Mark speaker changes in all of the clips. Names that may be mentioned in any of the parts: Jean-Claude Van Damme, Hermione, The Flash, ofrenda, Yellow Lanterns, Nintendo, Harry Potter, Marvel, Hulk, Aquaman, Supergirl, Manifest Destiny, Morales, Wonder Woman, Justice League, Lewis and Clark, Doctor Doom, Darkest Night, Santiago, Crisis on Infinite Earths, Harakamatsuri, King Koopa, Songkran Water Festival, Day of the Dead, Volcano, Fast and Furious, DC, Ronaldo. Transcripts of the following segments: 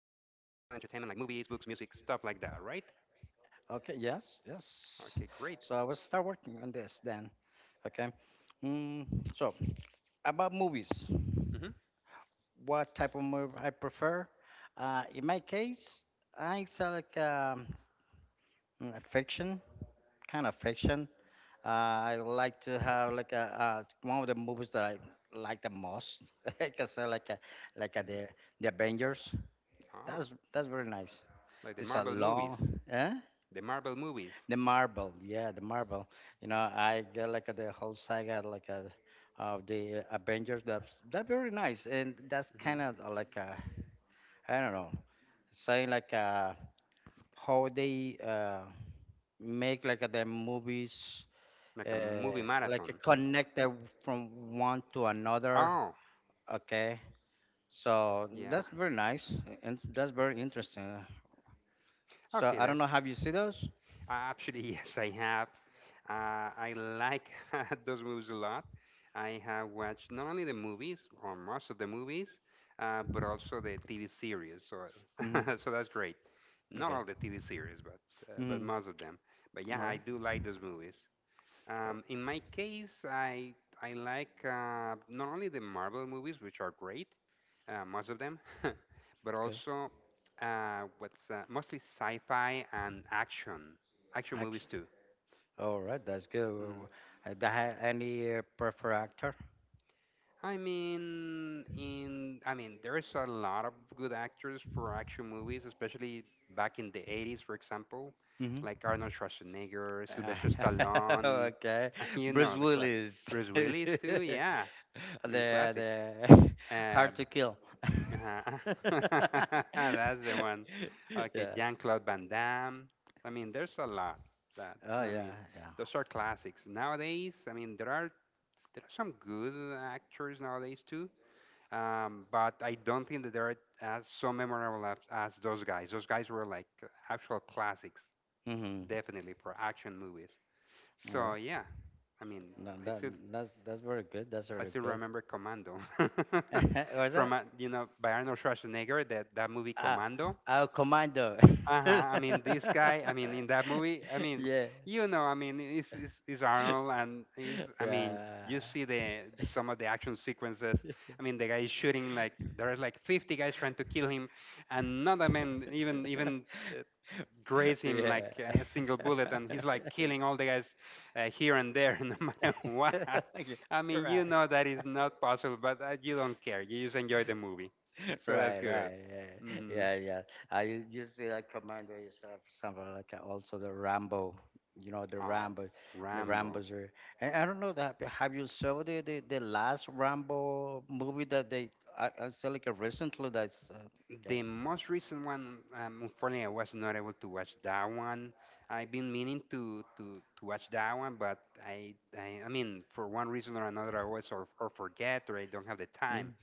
Speaker 1: like movies, books, music, stuff like that, right?
Speaker 2: Okay, yes, yes.
Speaker 1: Okay, great.
Speaker 2: So we'll start working on this then. Okay. Mm, so about movies,
Speaker 1: Mm-hmm.
Speaker 2: what type of movie I prefer? In my case, I select fiction, kind of fiction. I like to have like a one of the movies that I like the most. I can say like a,
Speaker 1: Mhm.
Speaker 2: the Avengers.
Speaker 1: Oh,
Speaker 2: That's very nice.
Speaker 1: like the
Speaker 2: This a
Speaker 1: Marvel movies,
Speaker 2: long, eh?
Speaker 1: the Marvel movies,
Speaker 2: The marble, yeah, the marble. You know, I get like the whole saga of the Avengers. That very nice, and that's kind
Speaker 1: mhm,
Speaker 2: of like a I don't know, saying like a how they make like the movies uh
Speaker 1: like a movie
Speaker 2: like
Speaker 1: marathon.
Speaker 2: connected from one to another.
Speaker 1: Oh,
Speaker 2: Okay, so
Speaker 1: yeah.
Speaker 2: that's very nice, and that's very interesting. So
Speaker 1: Okay,
Speaker 2: I don't
Speaker 1: that's
Speaker 2: know, have you seen those?
Speaker 1: Actually, yes, I have. I like those movies a lot. I have watched not only the movies, or most of the movies, but also the TV series. So,
Speaker 2: Hmm.
Speaker 1: so that's great. Not
Speaker 2: Okay.
Speaker 1: all the TV series, but
Speaker 2: Mm-hmm.
Speaker 1: most of them. But yeah,
Speaker 2: All right.
Speaker 1: I do like those movies. In my case, I like not only the Marvel movies, which are great, most of them, but
Speaker 2: Okay.
Speaker 1: also what's mostly sci-fi and action
Speaker 2: Action.
Speaker 1: movies too.
Speaker 2: All right, that's good.
Speaker 1: hmm
Speaker 2: Any preferred actor?
Speaker 1: I mean, there's a lot of good actors for action movies, especially back in the 80s, for example, like
Speaker 2: Hmm.
Speaker 1: Arnold Schwarzenegger, Sylvester Stallone,
Speaker 2: Okay, Bruce
Speaker 1: the classic.
Speaker 2: Willis.
Speaker 1: Bruce Willis too,
Speaker 2: the
Speaker 1: yeah. I mean, classics.
Speaker 2: the
Speaker 1: Uh,
Speaker 2: Hard to Kill.
Speaker 1: uh That's the one. Okay,
Speaker 2: Yeah.
Speaker 1: Jean-Claude Van Damme. I mean, there's a lot that
Speaker 2: Oh
Speaker 1: I
Speaker 2: yeah,
Speaker 1: mean,
Speaker 2: yeah.
Speaker 1: those are classics. Nowadays, I mean, there are some good actors nowadays too, but I don't think that they're as so memorable as those guys. Those guys were like actual classics,
Speaker 2: Mhm.
Speaker 1: definitely for action movies.
Speaker 2: All right.
Speaker 1: So yeah, I mean,
Speaker 2: No,
Speaker 1: I
Speaker 2: that
Speaker 1: still
Speaker 2: that's that's very good. That's
Speaker 1: I
Speaker 2: very
Speaker 1: still
Speaker 2: good.
Speaker 1: remember Commando
Speaker 2: What's that?
Speaker 1: from by Arnold Schwarzenegger, that movie
Speaker 2: Ah,
Speaker 1: Commando.
Speaker 2: our commando.
Speaker 1: Uh huh. I mean, this guy. I mean, in that movie. I mean,
Speaker 2: Yeah.
Speaker 1: you know. I mean, it's Arnold and he's. I mean,
Speaker 2: Yeah.
Speaker 1: you see the some of the action sequences. I mean, the guy is shooting like there's like 50 guys trying to kill him, and none of them even Uh, graze him
Speaker 2: Yeah.
Speaker 1: like a single bullet, and he's like
Speaker 2: Yeah.
Speaker 1: killing all the guys here and there, no matter what. I mean, you
Speaker 2: Right.
Speaker 1: know that is not possible, but you don't care. You just enjoy the movie, so that's
Speaker 2: Right,
Speaker 1: good.
Speaker 2: right.
Speaker 1: hmm
Speaker 2: Yeah, yeah. Yeah. I usually like Commander is something like that. Also the Rambo. You know, the
Speaker 1: Oh,
Speaker 2: Rambo, the
Speaker 1: Rambo.
Speaker 2: Rambos are. And I don't know that. Have you saw the last Rambo movie that they, I saw like recently that's, okay.
Speaker 1: The most recent one, unfortunately, I was not able to watch that one. I've been meaning to watch that one, but I mean, for one reason or another, I always or, forget or I don't have the time.
Speaker 2: Mm,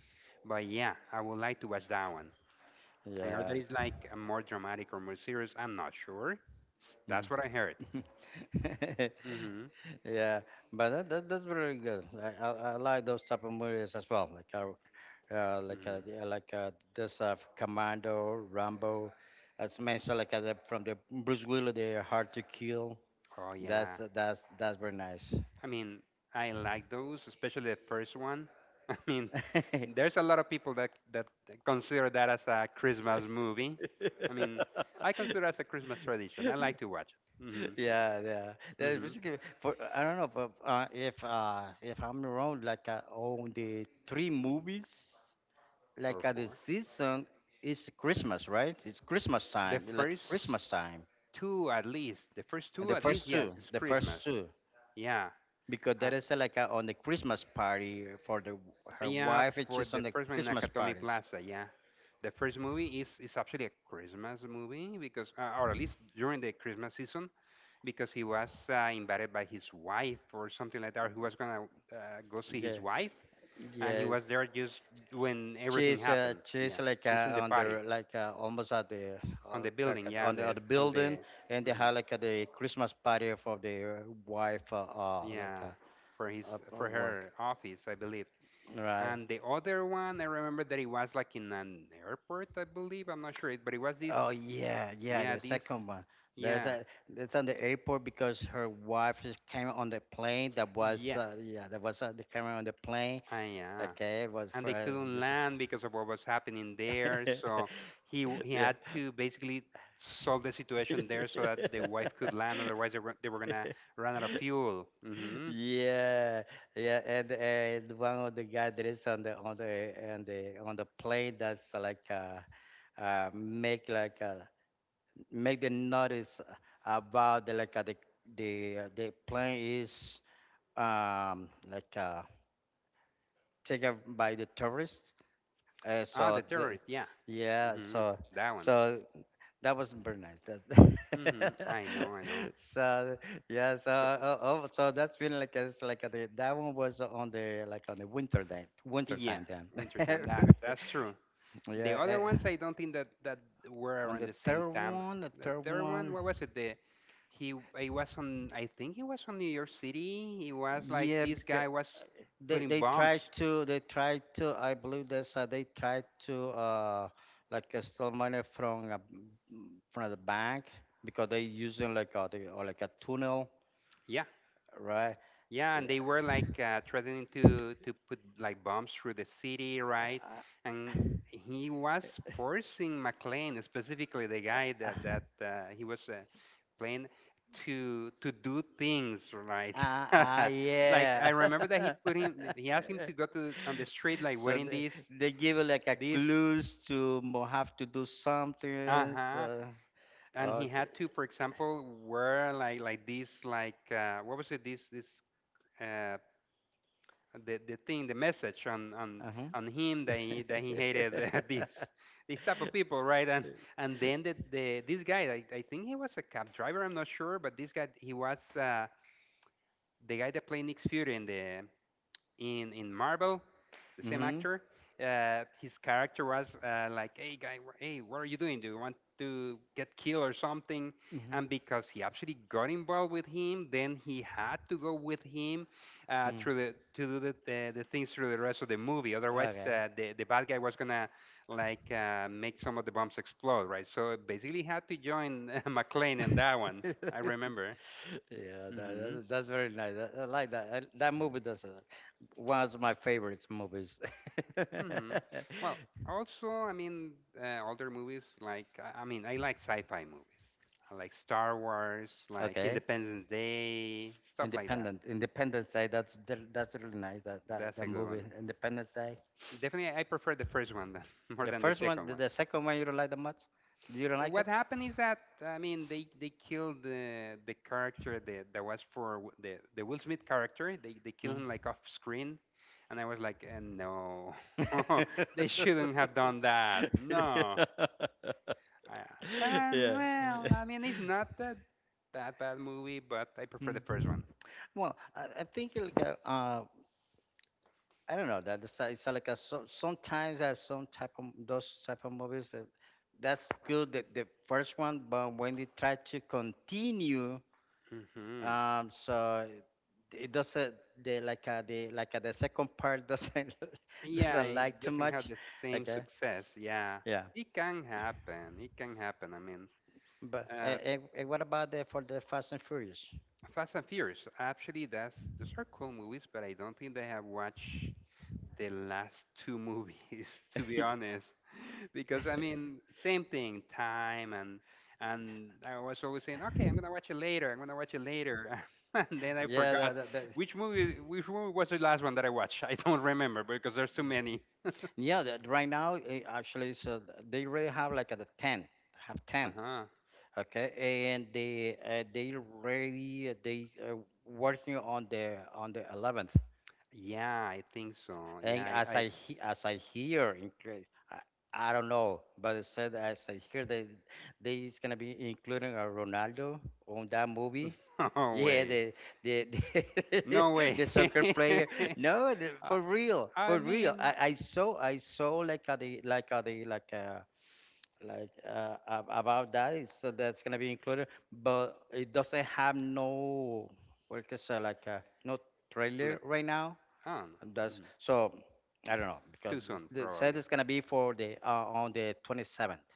Speaker 1: But yeah, I would like to watch that one. I heard
Speaker 2: yeah.
Speaker 1: that it's like more dramatic or more serious. I'm not sure. That's what I heard.
Speaker 2: Mm.
Speaker 1: Mhm.
Speaker 2: Yeah, but that's very good. I like those type of movies as well. Like
Speaker 1: Mhm.
Speaker 2: the- like this Commando, Rambo, as mentioned like the, from the Bruce Willis, the Hard to Kill.
Speaker 1: Oh yeah.
Speaker 2: That's very nice.
Speaker 1: I mean, I like those, especially the first one. I mean, there's a lot of people that consider that as a Christmas movie. I mean, I consider it as a Christmas tradition. I like to watch it. Mhm.
Speaker 2: Yeah, yeah. Yeah,
Speaker 1: Mhm.
Speaker 2: basically, for I don't know, but if I'm wrong, like on the three movies, like
Speaker 1: Or
Speaker 2: at the
Speaker 1: four.
Speaker 2: season is Christmas, right? It's Christmas
Speaker 1: The
Speaker 2: time, like
Speaker 1: first
Speaker 2: Christmas time.
Speaker 1: two, at least. The first
Speaker 2: And
Speaker 1: two, at least. Yes, it's
Speaker 2: the first
Speaker 1: Christmas.
Speaker 2: two,
Speaker 1: Yeah.
Speaker 2: because
Speaker 1: Uh,
Speaker 2: that is on the Christmas party for the her
Speaker 1: yeah.
Speaker 2: wife. And
Speaker 1: For
Speaker 2: she's on
Speaker 1: the
Speaker 2: the
Speaker 1: first one in
Speaker 2: Christmas
Speaker 1: Nakatomi
Speaker 2: parties.
Speaker 1: Plaza. Yeah. The first movie is actually a Christmas movie because, or at least during the Christmas season, because he was invited by his wife or something like that. He was gonna uh, go see
Speaker 2: Yeah,
Speaker 1: his wife, and he
Speaker 2: yeah.
Speaker 1: was there just when everything happened.
Speaker 2: She's
Speaker 1: Yeah,
Speaker 2: like
Speaker 1: she's in the
Speaker 2: on
Speaker 1: party
Speaker 2: the like almost at the
Speaker 1: on the building. Yeah,
Speaker 2: on
Speaker 1: on
Speaker 2: on
Speaker 1: the
Speaker 2: the
Speaker 1: on
Speaker 2: building,
Speaker 1: the,
Speaker 2: and they
Speaker 1: mhm,
Speaker 2: have like the Christmas party for their wife,
Speaker 1: yeah, for his
Speaker 2: uh,
Speaker 1: for
Speaker 2: work.
Speaker 1: her office, I believe.
Speaker 2: Right.
Speaker 1: And the other one, I remember that it was like in an airport, I believe. I'm not sure, but it was this.
Speaker 2: Oh yeah, yeah,
Speaker 1: Yeah,
Speaker 2: the
Speaker 1: this.
Speaker 2: second one. There's
Speaker 1: Yeah.
Speaker 2: a it's on the airport because her wife just came on the plane. That was
Speaker 1: Yeah.
Speaker 2: yeah, that was the camera on the plane.
Speaker 1: Ah, yeah.
Speaker 2: Okay, it was
Speaker 1: And
Speaker 2: for
Speaker 1: they couldn't
Speaker 2: just for-
Speaker 1: land because of what was happening there. So he he
Speaker 2: Yeah.
Speaker 1: had to basically solve the situation there so that the wife could land. Otherwise, they were gonna run out of fuel.
Speaker 2: Yeah, yeah, and one of the guy that is on the on the plane that's like make like a make the notice about the like the plane is like taken by the tourists
Speaker 1: Ah,
Speaker 2: so
Speaker 1: the
Speaker 2: the,
Speaker 1: terrorist. Yeah.
Speaker 2: yeah
Speaker 1: hmm
Speaker 2: so
Speaker 1: That one.
Speaker 2: so that was very nice that
Speaker 1: I know. I know.
Speaker 2: so yeah so
Speaker 1: So
Speaker 2: oh, so that's been like it's like that one was on the like on the winter day winter
Speaker 1: yeah,
Speaker 2: time then.
Speaker 1: wintertime. That's true. The
Speaker 2: Yeah,
Speaker 1: other
Speaker 2: eh,
Speaker 1: ones, I don't think that were
Speaker 2: on
Speaker 1: around
Speaker 2: the
Speaker 1: the same
Speaker 2: third
Speaker 1: time.
Speaker 2: one, the
Speaker 1: The
Speaker 2: third
Speaker 1: third one,
Speaker 2: one,
Speaker 1: what was it? The he I was on. I think he was on New York City. It was like
Speaker 2: yeah,
Speaker 1: this
Speaker 2: because
Speaker 1: guy was putting bombs.
Speaker 2: they tried to I believe that's they tried to steal money from from the bank because they using like a they, or like a tunnel
Speaker 1: Yeah,
Speaker 2: right
Speaker 1: yeah,
Speaker 2: yeah
Speaker 1: and they were like threatening to put like bombs through the city, right?
Speaker 2: uh,
Speaker 1: And he was forcing McLean, specifically the guy that he was playing, to do things, right? Like I
Speaker 2: yeah.
Speaker 1: remember that he put him, he asked him to go on the street, like
Speaker 2: So
Speaker 1: wearing this
Speaker 2: they give you like a
Speaker 1: this
Speaker 2: clues to have to do something
Speaker 1: uh-huh.
Speaker 2: so
Speaker 1: And he had
Speaker 2: okay.
Speaker 1: to, for example, wear like this like what was it? This uh, the, thing, the message
Speaker 2: Uh-huh.
Speaker 1: on him that he hated this type of people, right? And then the this guy, I think he was a cab driver, I'm not sure, but this guy, he was the guy that played Nick Fury in the in Marvel, the same
Speaker 2: Mm-hmm.
Speaker 1: actor. His character was like, "Hey guy, hey, what are you doing? Do you want to get killed or something?" And because he actually got involved with him, then he had to go with him
Speaker 2: Mm,
Speaker 1: through the to do the things through the rest of the movie. Otherwise,
Speaker 2: okay.
Speaker 1: the bad guy was gonna like make some of the bombs explode, right? So basically, had to join McLean in that one. I remember.
Speaker 2: Yeah, that,
Speaker 1: Hmm
Speaker 2: that's that's very nice. I like that. I, that movie does one of my favorite movies.
Speaker 1: Mm-hmm. Well, also, I mean, older movies, like I mean, I like sci-fi movies. I like Star Wars, like
Speaker 2: Okay,
Speaker 1: Independence Day, stuff like that.
Speaker 2: Independent Independence Day. That's that's really nice. That that
Speaker 1: That's
Speaker 2: that
Speaker 1: a good
Speaker 2: movie
Speaker 1: one.
Speaker 2: Independence Day.
Speaker 1: Definitely, I prefer the first one more
Speaker 2: The
Speaker 1: than the
Speaker 2: first one,
Speaker 1: second one.
Speaker 2: the second one, you don't like that much. You don't like
Speaker 1: What
Speaker 2: it?
Speaker 1: happened is that I mean, they killed the character that was for the Will Smith character. They killed him like off screen, and I was like, eh, no, they shouldn't have done that. No.
Speaker 2: Mm.
Speaker 1: I, and
Speaker 2: Yeah.
Speaker 1: well, I mean, it's not that that bad movie, but I prefer
Speaker 2: Mm.
Speaker 1: the first one.
Speaker 2: Well, I think I don't know that it's a like a, so, sometimes some type of those type of movies that that's good that the first one, but when they try to continue,
Speaker 1: Hmm
Speaker 2: so it doesn't the like the second part doesn't
Speaker 1: Yeah,
Speaker 2: doesn't
Speaker 1: it
Speaker 2: like too
Speaker 1: doesn't have
Speaker 2: much.
Speaker 1: the same
Speaker 2: Okay,
Speaker 1: success. Yeah,
Speaker 2: yeah,
Speaker 1: it can happen. It can happen. I mean,
Speaker 2: but
Speaker 1: uh,
Speaker 2: what about the for the Fast and Furious?
Speaker 1: Fast and Furious. Actually, that's those are cool movies, but I don't think they have watched the last two movies, to be honest. Because I mean, same thing, time and I was always saying, okay, I'm gonna watch it later. I'm gonna watch it later, and then I
Speaker 2: Yeah,
Speaker 1: forgot
Speaker 2: that, that, that
Speaker 1: which movie. Which movie was the last one that I watched? I don't remember because there's too many.
Speaker 2: Yeah, that right now eh, actually, so they already have like at the ten, have
Speaker 1: Uh
Speaker 2: ten,
Speaker 1: huh.
Speaker 2: okay, and they already they working on the 11th,
Speaker 1: Yeah, I think so. Yeah,
Speaker 2: and
Speaker 1: I. I
Speaker 2: as I hear, I don't know, but it said as I hear they is gonna be including a Ronaldo on that movie.
Speaker 1: no
Speaker 2: Yeah,
Speaker 1: way.
Speaker 2: the the
Speaker 1: No way.
Speaker 2: the soccer player. No, the,
Speaker 1: I,
Speaker 2: for real,
Speaker 1: I
Speaker 2: for real.
Speaker 1: mean,
Speaker 2: I saw like a the like a the like a like about that. So that's gonna be included, but it doesn't have no what can I say like no
Speaker 1: like,
Speaker 2: trailer right now.
Speaker 1: um,
Speaker 2: And that's
Speaker 1: mhm.
Speaker 2: so I
Speaker 1: it's
Speaker 2: don't know because
Speaker 1: too soon
Speaker 2: they said
Speaker 1: probably.
Speaker 2: it's gonna be for the on the 27th.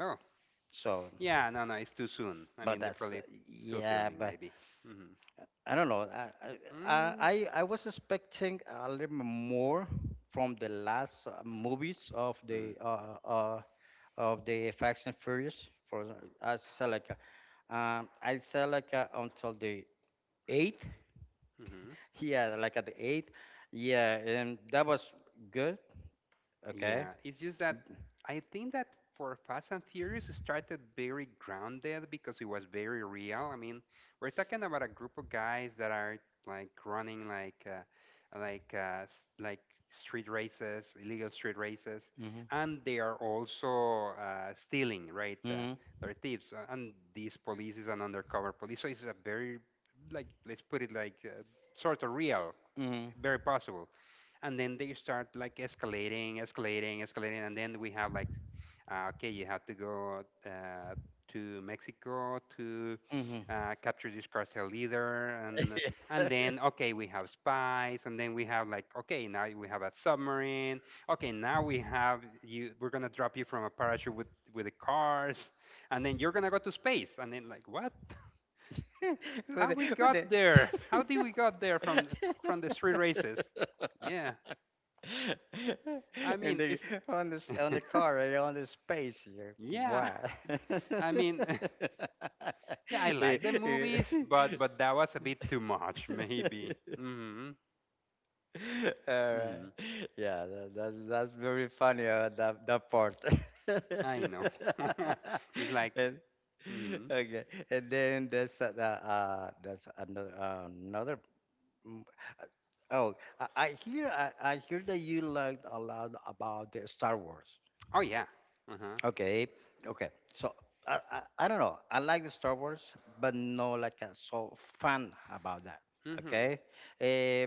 Speaker 1: Oh.
Speaker 2: So,
Speaker 1: Yeah, no, no, it's too soon. I
Speaker 2: but
Speaker 1: mean, they're
Speaker 2: that's
Speaker 1: probably still
Speaker 2: yeah,
Speaker 1: filming,
Speaker 2: but
Speaker 1: maybe.
Speaker 2: I don't know. I I
Speaker 1: Mm-hmm.
Speaker 2: I I was expecting a little bit more from the last movies of the Fast and Furious. For the- I said like until the eighth.
Speaker 1: Mm-hmm.
Speaker 2: Yeah, like at the eighth. Yeah, and that was good. Okay.
Speaker 1: Yeah, it's just that I think that for Fast and Furious it started very grounded because it was very real. I mean, we're talking about a group of guys that are like running like street races, illegal street races, and they are also stealing, right?
Speaker 2: Mhm.
Speaker 1: They're thieves, and these police is an undercover police, so it's a very like let's put it like sort of real,
Speaker 2: Mhm.
Speaker 1: very possible. And then they start like escalating, escalating, escalating, and then we have like, okay, you have to go to Mexico to
Speaker 2: Mhm.
Speaker 1: capture this cartel leader, and then okay, we have spies, and then we have like, okay, now we have a submarine. Okay, now we have you. We're gonna drop you from a parachute with the cars, and then you're gonna go to space, and then like what? How we
Speaker 2: With the...
Speaker 1: got there? How did we got there from the street races? Yeah, I
Speaker 2: and
Speaker 1: mean,
Speaker 2: the
Speaker 1: it's
Speaker 2: on this on the car right on the space here.
Speaker 1: yeah.
Speaker 2: Why?
Speaker 1: I mean, yeah, I
Speaker 2: Eh,
Speaker 1: like the
Speaker 2: eh.
Speaker 1: movies, but that was a bit too much, maybe.
Speaker 2: All right.
Speaker 1: Hmm
Speaker 2: Yeah, that's very funny that that part.
Speaker 1: I know. It's like,
Speaker 2: And
Speaker 1: hmm
Speaker 2: okay, and then there's that's another another. mm, uh, Oh, I hear that you learned a lot about the Star Wars.
Speaker 1: oh yeah, uh huh,
Speaker 2: Okay, okay. So I, I don't know. I like the Star Wars, but no like so fun about that.
Speaker 1: hmm
Speaker 2: Okay. Eh,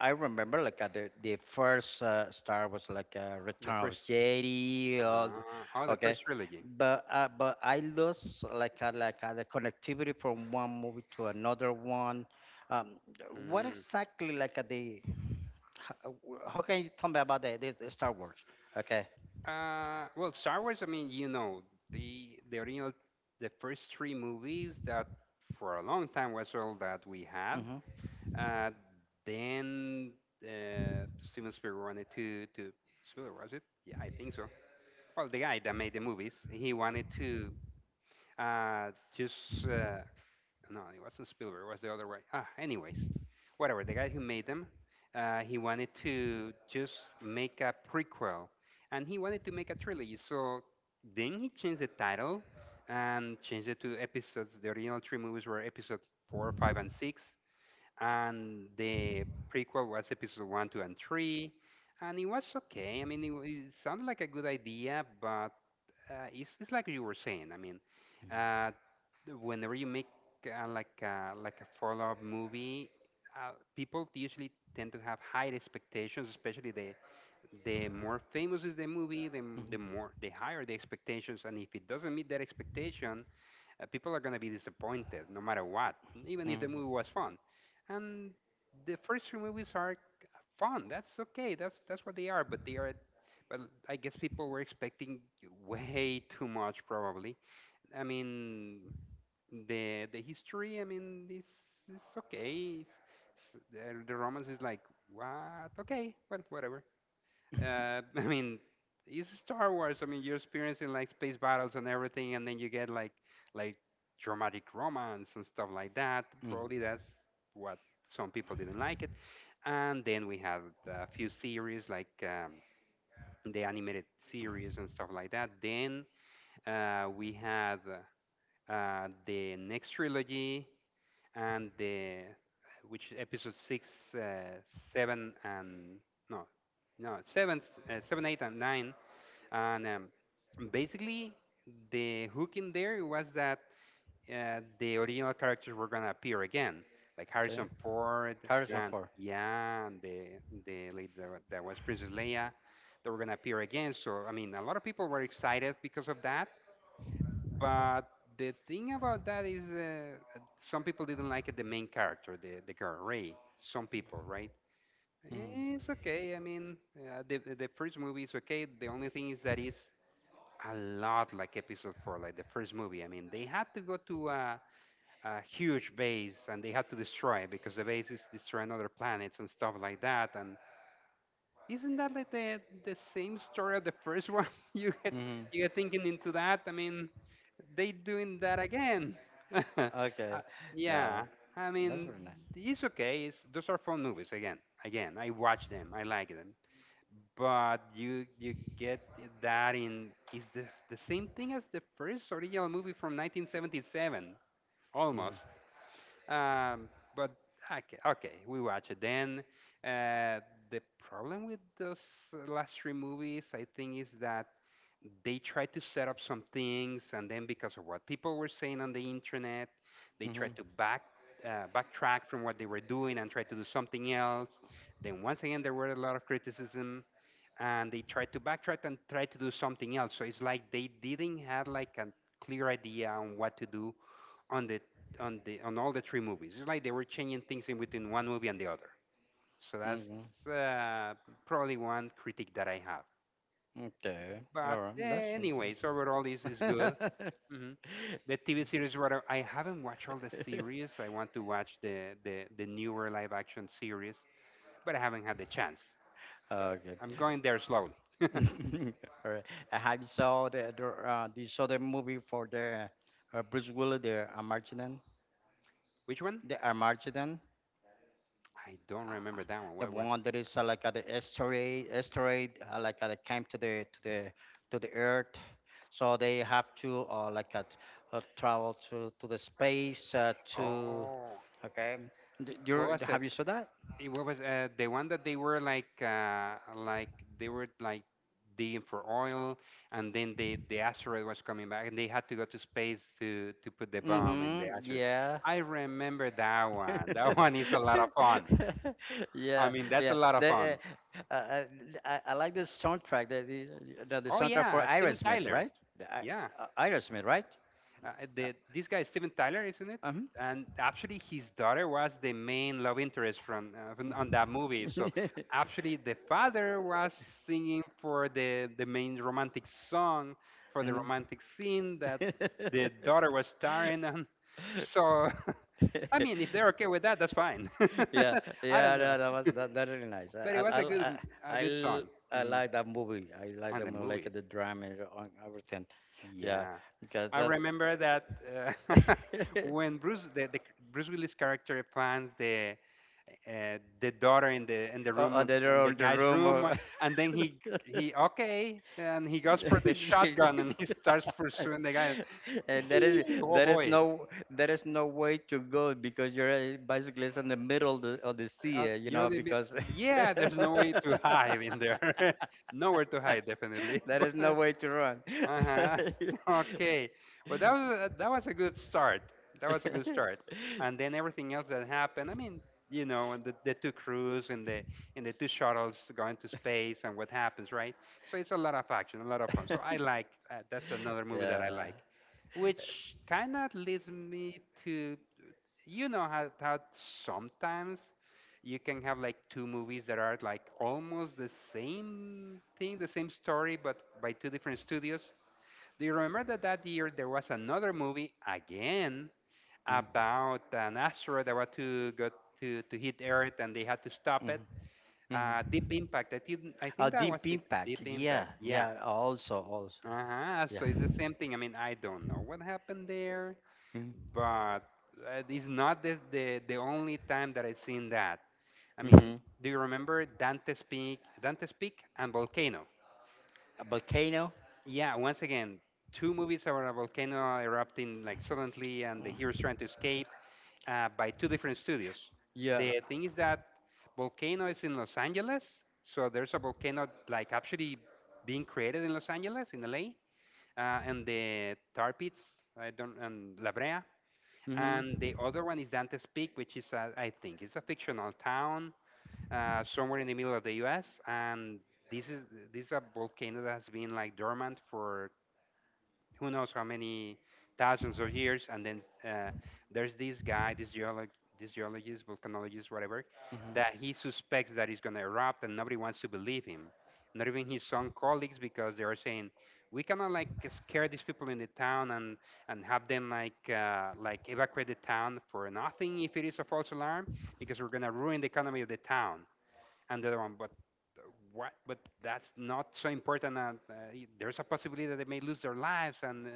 Speaker 2: I remember like at the first Star was like
Speaker 1: the
Speaker 2: Return of
Speaker 1: first,
Speaker 2: Jedi, all,
Speaker 1: oh, the
Speaker 2: okay,
Speaker 1: first trilogy.
Speaker 2: but I lost like the connectivity from one movie to another one. Um, what
Speaker 1: Mm.
Speaker 2: exactly like how can you tell me about this the Star Wars? Okay.
Speaker 1: Well, Star Wars. I mean, you know, the original, the first three movies that for a long time was all that we had.
Speaker 2: Mhm.
Speaker 1: Uh, then uh, Steven Spielberg wanted to Spielberg, was it? Yeah, I think so. Well, the guy that made the movies, he wanted to uh, just uh, no, it wasn't Spielberg. It was the other way. Ah, anyways, whatever. The guy who made them, he wanted to just make a prequel, and he wanted to make a trilogy. So then he changed the title and changed it to episodes. The original three movies were episode four, five, and six, and the prequel was episode one, two, and three. And it was okay. I mean, it sounded like a good idea, but it's like you were saying. I mean, uh, whenever you make like a follow-up movie, people usually tend to have high expectations. Especially the more famous is the movie,
Speaker 2: Mhm.
Speaker 1: the higher the expectations. And if it doesn't meet that expectation, people are going to be disappointed no matter what, even if
Speaker 2: Mhm.
Speaker 1: the movie was fun. And the first three movies are c- fun. That's okay. That's what they are. But I guess people were expecting way too much probably. I mean, the history. I mean, this is okay. The romance is like what? Okay, well, whatever. I mean, it's Star Wars. I mean, you're experiencing like space battles and everything, and then you get like dramatic romance and stuff like that. Probably
Speaker 2: Mhm.
Speaker 1: that's what some people didn't like it. And then we had a few series like the animated series and stuff like that. Then we had the next trilogy, and the which episode six, uh, seven, and no, no seven, seven, eight, and nine, and basically the hook in there was that the original characters were gonna appear again, like
Speaker 2: Okay.
Speaker 1: Harrison Ford
Speaker 2: Harrison
Speaker 1: and
Speaker 2: Ford.
Speaker 1: yeah, and the lady that was Princess Leia, they were gonna appear again. So I mean, a lot of people were excited because of that, but the thing about that is, some people didn't like it, the main character, the girl Ray. Some people, right?
Speaker 2: Mhm.
Speaker 1: It's okay. I mean, the first movie is okay. The only thing is that it's a lot like episode four, like the first movie. I mean, they had to go to a huge base and they had to destroy it because the base is destroying other planets and stuff like that. And isn't that like the same story of the first one? You get
Speaker 2: Mhm.
Speaker 1: you get thinking into that. I mean, they doing that again.
Speaker 2: Okay.
Speaker 1: Uh,
Speaker 2: Yeah,
Speaker 1: yeah, I
Speaker 2: that's
Speaker 1: mean,
Speaker 2: very nice.
Speaker 1: it's okay. Those are fun movies again. Again, I watch them. I like them. But you get that in is the same thing as the first original movie from 1977
Speaker 2: Mhm.
Speaker 1: almost. Um, but okay, okay, we watch it. Then uh, the problem with those last three movies, I think, is that they tried to set up some things, and then because of what people were saying on the internet, they tried
Speaker 2: Mhm.
Speaker 1: to backtrack from what they were doing and try to do something else. Then once again, there were a lot of criticism. And they tried to backtrack and try to do something else. So it's like they didn't have like a clear idea on what to do on the on all the three movies. It's like they were changing things in between one movie and the other. So that's
Speaker 2: Mhm.
Speaker 1: uh, probably one critique that I have.
Speaker 2: Okay.
Speaker 1: But
Speaker 2: All right. That's interesting.
Speaker 1: anyways, overall is good. hmm The TV series, rather, I haven't watched all the series. I want to watch the newer live action series, but I haven't had the chance. But
Speaker 2: Okay.
Speaker 1: I'm going there slowly.
Speaker 2: All right. Have you saw the do you saw the movie for the Bruce Willis, the Armageddon,
Speaker 1: Which one?
Speaker 2: the Armageddon,
Speaker 1: I don't
Speaker 2: uh,
Speaker 1: remember that one.
Speaker 2: the
Speaker 1: What was?
Speaker 2: one that is like at the asteroid, asteroid that came to the to the Earth, so they have to travel to the space to
Speaker 1: Oh,
Speaker 2: okay.
Speaker 1: what was it?
Speaker 2: Have you saw that?
Speaker 1: What was the one that they were like they were like digging for oil, and then the asteroid was coming back, and they had to go to space to put the bomb in the
Speaker 2: Mm-hmm.
Speaker 1: asteroid.
Speaker 2: Yeah.
Speaker 1: I remember that one. That one is a lot of fun. I
Speaker 2: Yeah.
Speaker 1: mean, that's a
Speaker 2: Yeah.
Speaker 1: lot of fun.
Speaker 2: Uh, uh, I like the soundtrack. The the
Speaker 1: Oh
Speaker 2: soundtrack for
Speaker 1: yeah, Steven
Speaker 2: Aerosmith,
Speaker 1: Tyler.
Speaker 2: right? The, I-
Speaker 1: Yeah.
Speaker 2: Aerosmith, right?
Speaker 1: The this guy is Steven Tyler, isn't it?
Speaker 2: Uh-huh.
Speaker 1: And actually, his daughter was the main love interest from on that movie. So
Speaker 2: Mhm.
Speaker 1: actually, the father was singing for the main romantic song for the
Speaker 2: Mhm.
Speaker 1: romantic scene that the daughter was starring. And so, I mean, if they're okay with that, that's fine.
Speaker 2: Yeah.
Speaker 1: I
Speaker 2: Yeah.
Speaker 1: don't know,
Speaker 2: No, that was that, that really nice.
Speaker 1: but it was a good a good
Speaker 2: I
Speaker 1: song
Speaker 2: I
Speaker 1: mm,
Speaker 2: like that movie. I like
Speaker 1: and
Speaker 2: the
Speaker 1: the
Speaker 2: movie, like
Speaker 1: movie.
Speaker 2: the drama and everything. Yeah,
Speaker 1: Yeah.
Speaker 2: because
Speaker 1: I
Speaker 2: that.
Speaker 1: remember that uh, when the Bruce Willis character finds the daughter in the in the
Speaker 2: Oh,
Speaker 1: room
Speaker 2: oh,
Speaker 1: of- in the
Speaker 2: the
Speaker 1: guy's
Speaker 2: room.
Speaker 1: room and then he
Speaker 2: Oh.
Speaker 1: he okay and he goes for the shotgun and he starts pursuing the guy.
Speaker 2: And
Speaker 1: Oh boy.
Speaker 2: there is no way to go because your bicycle is in the middle of the sea, you know, because
Speaker 1: Yeah, there's no way to hide in there. Nowhere to hide definitely.
Speaker 2: there is no way to run.
Speaker 1: Uh-huh. Okay. Well, that was a good start. That was a good start. And then everything else that happened. I mean, and the two crews and the two shuttles going to space and what happens, right? So it's a lot of action, a lot of fun. So I like that's another movie that I
Speaker 2: Yeah.
Speaker 1: like, which kind of leads me to, how sometimes you can have like two movies that are like almost the same thing, the same story, but by two different studios do you remember that year there was another movie again
Speaker 2: Mm,
Speaker 1: about an asteroid that was to hit Earth and they had to stop
Speaker 2: mm,
Speaker 1: it?
Speaker 2: mm.
Speaker 1: Deep Impact. I think I think that was
Speaker 2: Deep
Speaker 1: Deep
Speaker 2: impact. Yeah,
Speaker 1: Impact. Yeah.
Speaker 2: yeah. Also, also.
Speaker 1: Uh-huh.
Speaker 2: Yeah.
Speaker 1: So it's the same thing. I mean, I don't know what happened there,
Speaker 2: Mm-hmm.
Speaker 1: but it's not the only time that I've seen that. I mean,
Speaker 2: Mm-hmm.
Speaker 1: do you remember Dante's Peak and Volcano?
Speaker 2: A volcano.
Speaker 1: Yeah, once again, two movies about a volcano erupting like suddenly and the heroes trying to escape by two different studios.
Speaker 2: Yeah.
Speaker 1: The thing is that volcano is in Los Angeles, so there's a volcano like actually being created in Los Angeles in LA, and the tar pits, I don't, and La Brea, and
Speaker 2: Mm-hmm.
Speaker 1: the other one is Dante's Peak, which I think it's a fictional town somewhere in the middle of the U.S. and this is this is a volcano that has been like dormant for who knows how many thousands of years. And then there's this guy, this geologist, volcanologist, whatever, that
Speaker 2: Mm-hmm.
Speaker 1: he suspects that it's going to erupt, and nobody wants to believe him. Not even his own colleagues, because they are saying we cannot like scare these people in the town and have them like evacuate the town for nothing if it is a false alarm, because we're going to ruin the economy of the town and the other one, but uh, what? But that's not so important. And there's a possibility that they may lose their lives and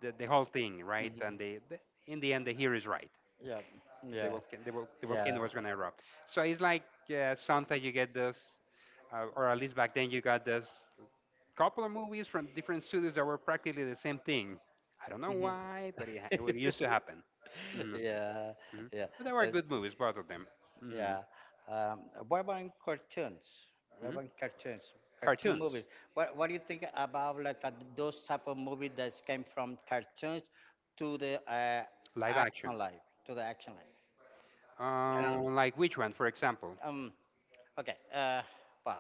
Speaker 1: the whole thing, right? And
Speaker 2: Mm-hmm.
Speaker 1: they, the in the end, the hero is right.
Speaker 2: Yeah.
Speaker 1: The
Speaker 2: Yeah.
Speaker 1: volcano, the, vol- the
Speaker 2: Yeah.
Speaker 1: volcano was going to erupt. So it's like sometimes you get or at least back then you got this couple of movies from different studios that were practically the same thing. I don't know
Speaker 2: Mm-hmm.
Speaker 1: why, but it used to happen. hmm
Speaker 2: Yeah.
Speaker 1: hmm
Speaker 2: Yeah.
Speaker 1: But they were
Speaker 2: That's,
Speaker 1: good movies, both of them. hmm
Speaker 2: yeah. Um, what about in cartoons? What
Speaker 1: hmm
Speaker 2: about in cartoons? Cartoon
Speaker 1: Cartoons,
Speaker 2: movies. What do you think about like those type of movies that came from cartoons to the
Speaker 1: live action.
Speaker 2: action life? To the action life.
Speaker 1: Like which one, for example?
Speaker 2: Um, Okay. Well,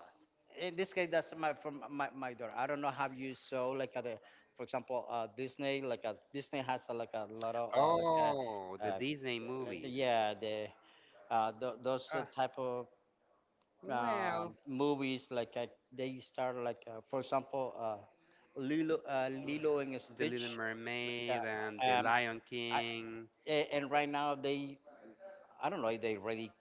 Speaker 2: in this case, that's my from my daughter. I don't know how you saw like for example, Disney. Like Disney has like a lot of
Speaker 1: Oh, the Disney movies.
Speaker 2: yeah the those
Speaker 1: Uh,
Speaker 2: type of
Speaker 1: well,
Speaker 2: movies like they start like for example Lilo and
Speaker 1: The Little
Speaker 2: Stitch. Uh,
Speaker 1: Mermaid and The
Speaker 2: um,
Speaker 1: Lion
Speaker 2: I,
Speaker 1: King.
Speaker 2: and right now they I don't know if they already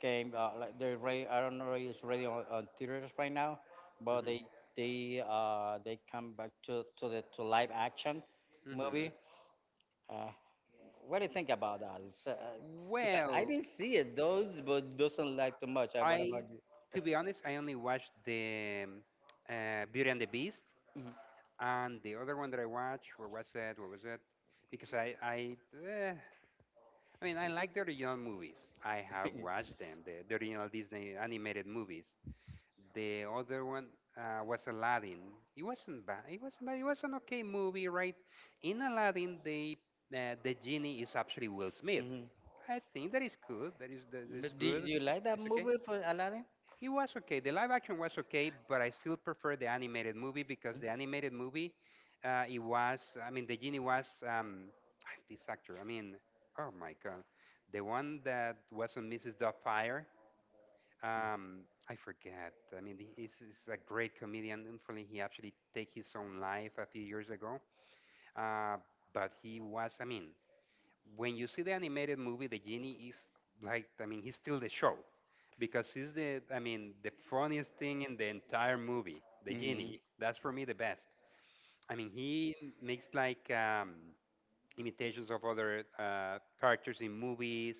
Speaker 2: came they're ready. I don't know if it's ready on theaters right now, but
Speaker 1: Mhm,
Speaker 2: they come back to the to live action
Speaker 1: mhm.
Speaker 2: movie. Uh, what do you think about that? It's, because I
Speaker 1: Well,
Speaker 2: didn't see it those, but doesn't like too much. What
Speaker 1: I,
Speaker 2: about you?
Speaker 1: to be honest, I only watched the Beauty and the Beast, and the other one that I watched, what was that? What was that? Because eh, I mean, I like the original movies. I have
Speaker 2: Mhm.
Speaker 1: watched them, the original Disney animated movies. The other one was Aladdin. It wasn't bad. It wasn't bad. It was an okay movie, right? In Aladdin, the genie is actually Will Smith.
Speaker 2: Mhm.
Speaker 1: I think that is good. That is
Speaker 2: But do,
Speaker 1: good.
Speaker 2: do you like that
Speaker 1: It's okay.
Speaker 2: movie for Aladdin?
Speaker 1: It was okay. The live action was okay, but I still prefer the animated movie because the animated movie, it was. I mean, the genie was this actor. I mean, oh my god, the one that was on Mrs. Doubtfire. Um, I forget. I mean, he's a great comedian. Unfortunately, he actually take his own life a few years ago. Uh, but he was. I mean, when you see the animated movie, the genie is like. I mean, he's still the show because he's the. I mean, the funniest thing in the entire movie. The
Speaker 2: Mhm.
Speaker 1: genie. That's for me the best. I mean, he makes like imitations of other characters in movies.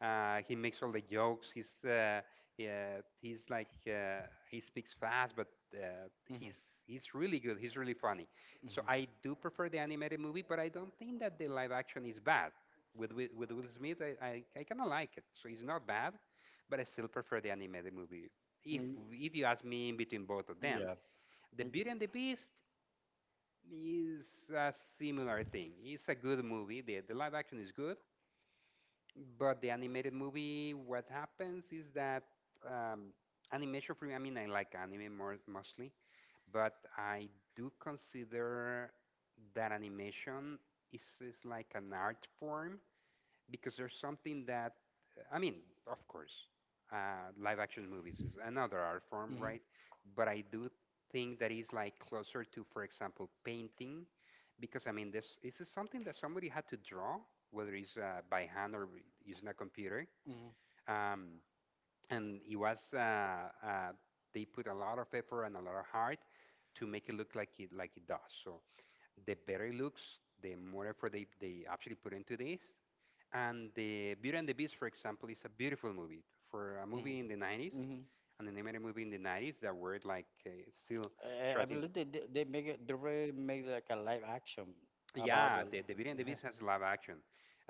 Speaker 1: He makes all the jokes. He's Yeah, he's like he speaks fast, but uh, he's
Speaker 2: Mhm.
Speaker 1: he's really good. He's really funny. So
Speaker 2: Mhm.
Speaker 1: I do prefer the animated movie, but I don't think that the live action is bad. With Will Smith, I kind of like it. So it's not bad, but I still prefer the animated movie. If
Speaker 2: Mm,
Speaker 1: if you ask me, in between both of them,
Speaker 2: yeah.
Speaker 1: the
Speaker 2: Mm.
Speaker 1: Beauty and the Beast is a similar thing. It's a good movie. The live action is good, but the animated movie, what happens is that um, animation for me, I mean, I like anime more mostly, but I do consider that animation is like an art form, because there's something that, I mean, of course, live action movies is another art form,
Speaker 2: Mhm.
Speaker 1: right? But I do think that is like closer to, for example, painting, because I mean, this is something that somebody had to draw, whether it's by hand or using a computer,
Speaker 2: Mhm.
Speaker 1: um, and it was they put a lot of effort and a lot of heart to make it look like it does. So the better it looks, the more effort they actually put into this, and the Beauty and the Beast, for example, is a beautiful movie. For a
Speaker 2: Mhm.
Speaker 1: movie in the 90s,
Speaker 2: Mhm.
Speaker 1: an animated movie in the 90s that were like still
Speaker 2: I
Speaker 1: shot in.
Speaker 2: believe they make it. They really make like a live action about
Speaker 1: Yeah,
Speaker 2: the.
Speaker 1: the Beauty and the Beast has live action.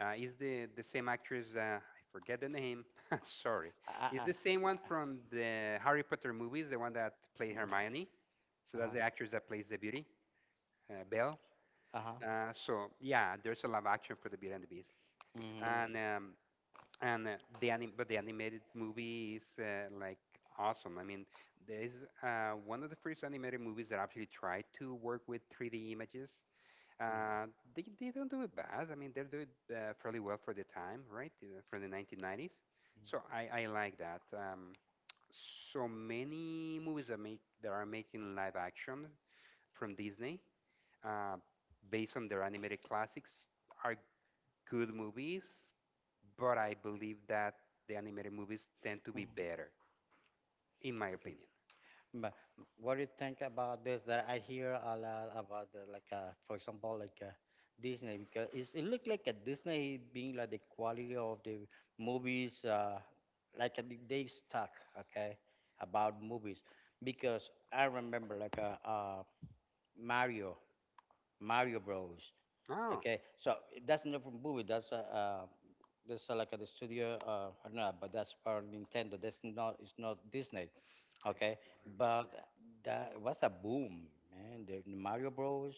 Speaker 1: Is the same actress? I forget the name. Sorry. Is
Speaker 2: Uh, uh,
Speaker 1: the same one from the Harry Potter movies, the one that played Hermione? So that's the
Speaker 2: uh-huh.
Speaker 1: actress that plays the Beauty, Belle.
Speaker 2: Uh-huh.
Speaker 1: So yeah, there's a live action for the Beauty and the Beast.
Speaker 2: hmm
Speaker 1: And um, and the but the animated movie is like awesome. I mean, there's one of the first animated movies that actually tried to work with 3D images. Uh, they don't do it bad. I mean, they're doing fairly well for the time, right? From the 1990s. So I like that. So many movies that make that are making live action from Disney, uh, based on their animated classics, are good movies, but I believe that the animated movies tend to be
Speaker 2: Mm-hmm.
Speaker 1: better, in my
Speaker 2: Okay.
Speaker 1: opinion.
Speaker 2: But what do you think about this? That I hear a lot about the, like for example like Disney, because it's, it looked like a Disney being like the quality of the movies like they stuck okay about movies, because I remember like Mario Bros.
Speaker 1: Oh.
Speaker 2: Okay, so that's not from movie. That's like at the studio, do not, know, but that's for Nintendo. That's not, it's not Disney. Okay, but that was a boom, man. The Mario Bros.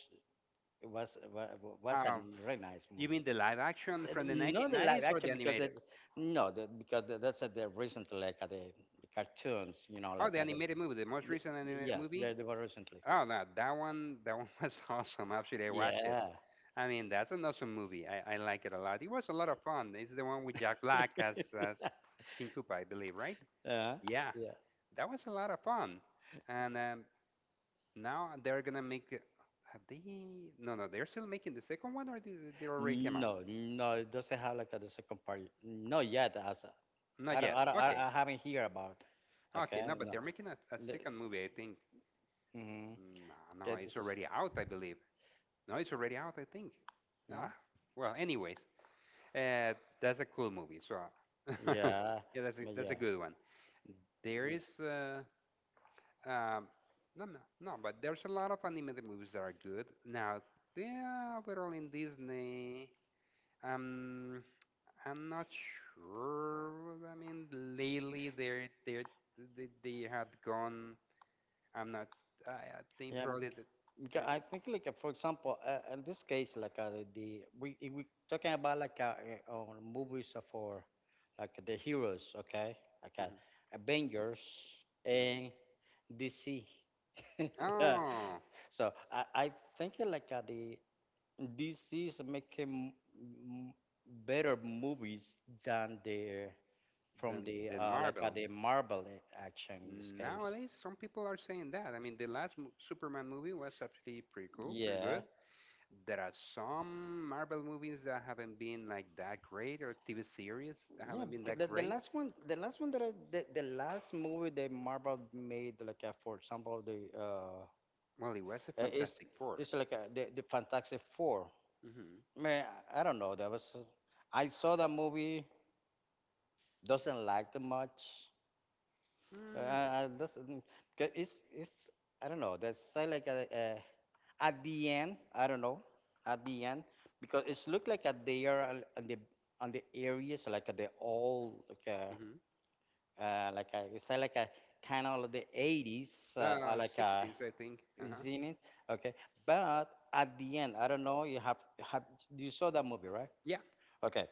Speaker 2: Was was a
Speaker 1: Um,
Speaker 2: very nice
Speaker 1: you
Speaker 2: movie.
Speaker 1: mean the live action
Speaker 2: And
Speaker 1: from the
Speaker 2: not the live
Speaker 1: 1990s or
Speaker 2: action,
Speaker 1: the
Speaker 2: because
Speaker 1: animated?
Speaker 2: it, no, the, because the, that's the recently like at the cartoons, you know,
Speaker 1: Oh,
Speaker 2: like
Speaker 1: the
Speaker 2: at
Speaker 1: animated movie, the most
Speaker 2: the,
Speaker 1: recent
Speaker 2: the,
Speaker 1: animated
Speaker 2: yes,
Speaker 1: movie.
Speaker 2: they were recently.
Speaker 1: Oh no, that one was awesome. Actually, I watched it.
Speaker 2: Yeah.
Speaker 1: I mean, that's an awesome movie. I like it a lot. It was a lot of fun. It's the one with Jack Black as King Koopa, I believe, right?
Speaker 2: uh,
Speaker 1: Yeah,
Speaker 2: yeah.
Speaker 1: that was a lot of fun. And now they're gonna make. Have they? No, no, they're still making the second one, or did they already came out?
Speaker 2: No, no, it doesn't have like a, the second part. No, yet, as
Speaker 1: Not
Speaker 2: I don't,
Speaker 1: yet. Okay,
Speaker 2: I haven't heard about.
Speaker 1: okay,
Speaker 2: Okay,
Speaker 1: no, but
Speaker 2: no.
Speaker 1: they're making a
Speaker 2: The,
Speaker 1: second movie, I think.
Speaker 2: mm-hmm.
Speaker 1: No, no,
Speaker 2: That is,
Speaker 1: it's already out, I believe. No, it's already out, I think.
Speaker 2: mm
Speaker 1: Ah, well, anyways, uh, that's a cool movie. So,
Speaker 2: yeah,
Speaker 1: yeah,
Speaker 2: but
Speaker 1: that's a good one. There is. Um, no, no, no, but there's a lot of animated movies that are good. Now, they are all in Disney. Um, I'm not sure. I mean, lately they had gone. I'm not. I think
Speaker 2: yeah.
Speaker 1: probably that
Speaker 2: Because
Speaker 1: they're.
Speaker 2: I think like for example, in this case, like the we, if we talking about like on movies for like the heroes, okay, like
Speaker 1: Mhm,
Speaker 2: Avengers
Speaker 1: mhm.
Speaker 2: and DC.
Speaker 1: Oh,
Speaker 2: So I think like the DC's making m- better movies than the, from the,
Speaker 1: than
Speaker 2: like
Speaker 1: Marvel.
Speaker 2: the Marvel action in this case.
Speaker 1: Nowadays, some people are saying that. I mean, the Superman movie was actually pretty cool, pretty
Speaker 2: Yeah,
Speaker 1: good. There are some Marvel movies that haven't been like that great, or TV series that
Speaker 2: yeah.
Speaker 1: haven't been that great.
Speaker 2: The last one that the last movie that Marvel made, like for example, the
Speaker 1: Well, it was a
Speaker 2: it's
Speaker 1: Fantastic Four.
Speaker 2: like the Fantastic Four.
Speaker 1: Mm-hmm.
Speaker 2: Man, I don't know. That was I saw that movie. Doesn't like too much.
Speaker 1: Mm,
Speaker 2: That's, 'cause it's I don't know. That's say like a at the end. I don't know at the end, because it's look like a, they are on the, on the areas like a, the old
Speaker 1: hmm.
Speaker 2: like a, it's like a kind of the 80s or like a
Speaker 1: 60s, I think. Uh-huh.
Speaker 2: zenith. Okay, but at the end, I don't know. You have you saw that movie, right?
Speaker 1: Yeah.
Speaker 2: Okay,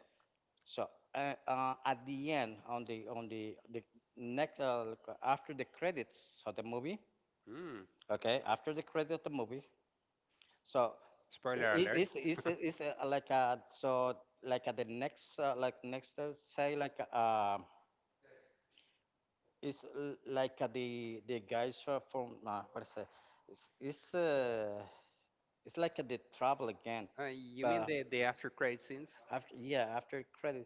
Speaker 2: so at the end, on the, on the, the next, after the credits of the movie,
Speaker 1: Mm.
Speaker 2: okay, after the credit of the movie, so
Speaker 1: Spoiler
Speaker 2: is
Speaker 1: alert.
Speaker 2: is like a, so like at the next like next say like is like the guys from what is it? It's it's like the trouble again,
Speaker 1: You mean
Speaker 2: but
Speaker 1: the after credit scenes?
Speaker 2: after, yeah, after credit,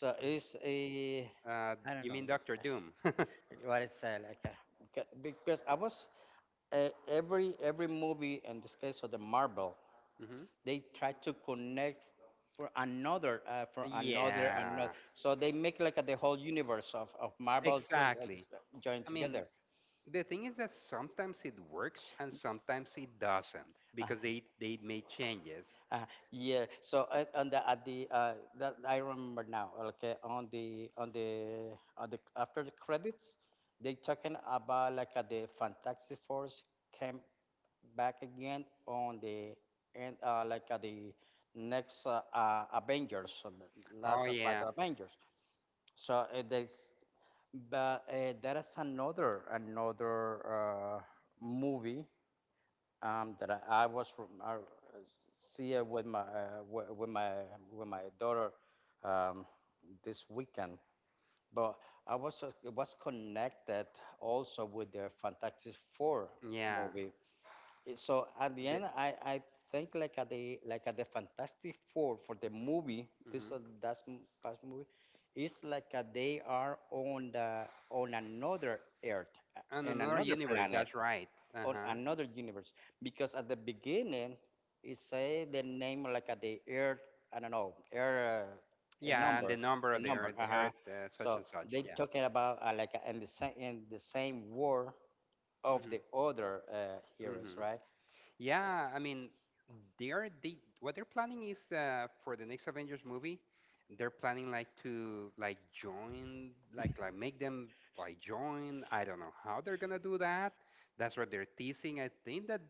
Speaker 2: so it's, a
Speaker 1: Uh,
Speaker 2: I don't
Speaker 1: you
Speaker 2: know.
Speaker 1: mean Doctor Doom? hmm.
Speaker 2: What is like because I was every movie in this case of the Marvel, they try to connect for another for another, another.
Speaker 1: Yeah,
Speaker 2: So they make like the whole universe of Marvel to,
Speaker 1: exactly.
Speaker 2: joined
Speaker 1: I mean,
Speaker 2: together.
Speaker 1: the thing is that sometimes it works and sometimes it doesn't,
Speaker 2: Uh-huh.
Speaker 1: because they made changes.
Speaker 2: Uh, yeah. So on the, at the that I remember now. Okay, on the on the on the, after the credits, they talking about like the Fantastic Force came back again on the end, like the next Avengers, so the
Speaker 1: Oh
Speaker 2: last of fight
Speaker 1: yeah,
Speaker 2: Avengers. So there's, but there is another, another uh, movie, that I was see with my with my, with my daughter, um, this weekend. But I was connected also with the Fantastic Four
Speaker 1: yeah.
Speaker 2: movie. So at the
Speaker 1: The,
Speaker 2: end, I think like at the, like at the Fantastic Four for the movie.
Speaker 1: mhm.
Speaker 2: This that's past movie. It's like they are on the, on another Earth,
Speaker 1: And
Speaker 2: in
Speaker 1: another
Speaker 2: another
Speaker 1: universe.
Speaker 2: planet,
Speaker 1: That's right. Uh
Speaker 2: on
Speaker 1: huh.
Speaker 2: another universe, because at the beginning it say the name like at the earth, I don't know, earth a
Speaker 1: Yeah, and
Speaker 2: number,
Speaker 1: the number
Speaker 2: a
Speaker 1: of
Speaker 2: number.
Speaker 1: the
Speaker 2: Uh-huh.
Speaker 1: earth, such
Speaker 2: So
Speaker 1: and such.
Speaker 2: they
Speaker 1: Yeah.
Speaker 2: talking about like in the same, in the same war of the other
Speaker 1: hmm
Speaker 2: heroes,
Speaker 1: hmm.
Speaker 2: right?
Speaker 1: Yeah, I mean, they're they what they're planning is for the next Avengers movie, they're planning like to like join, like make them like join. I don't know how they're gonna do that. That's what they're teasing. I think that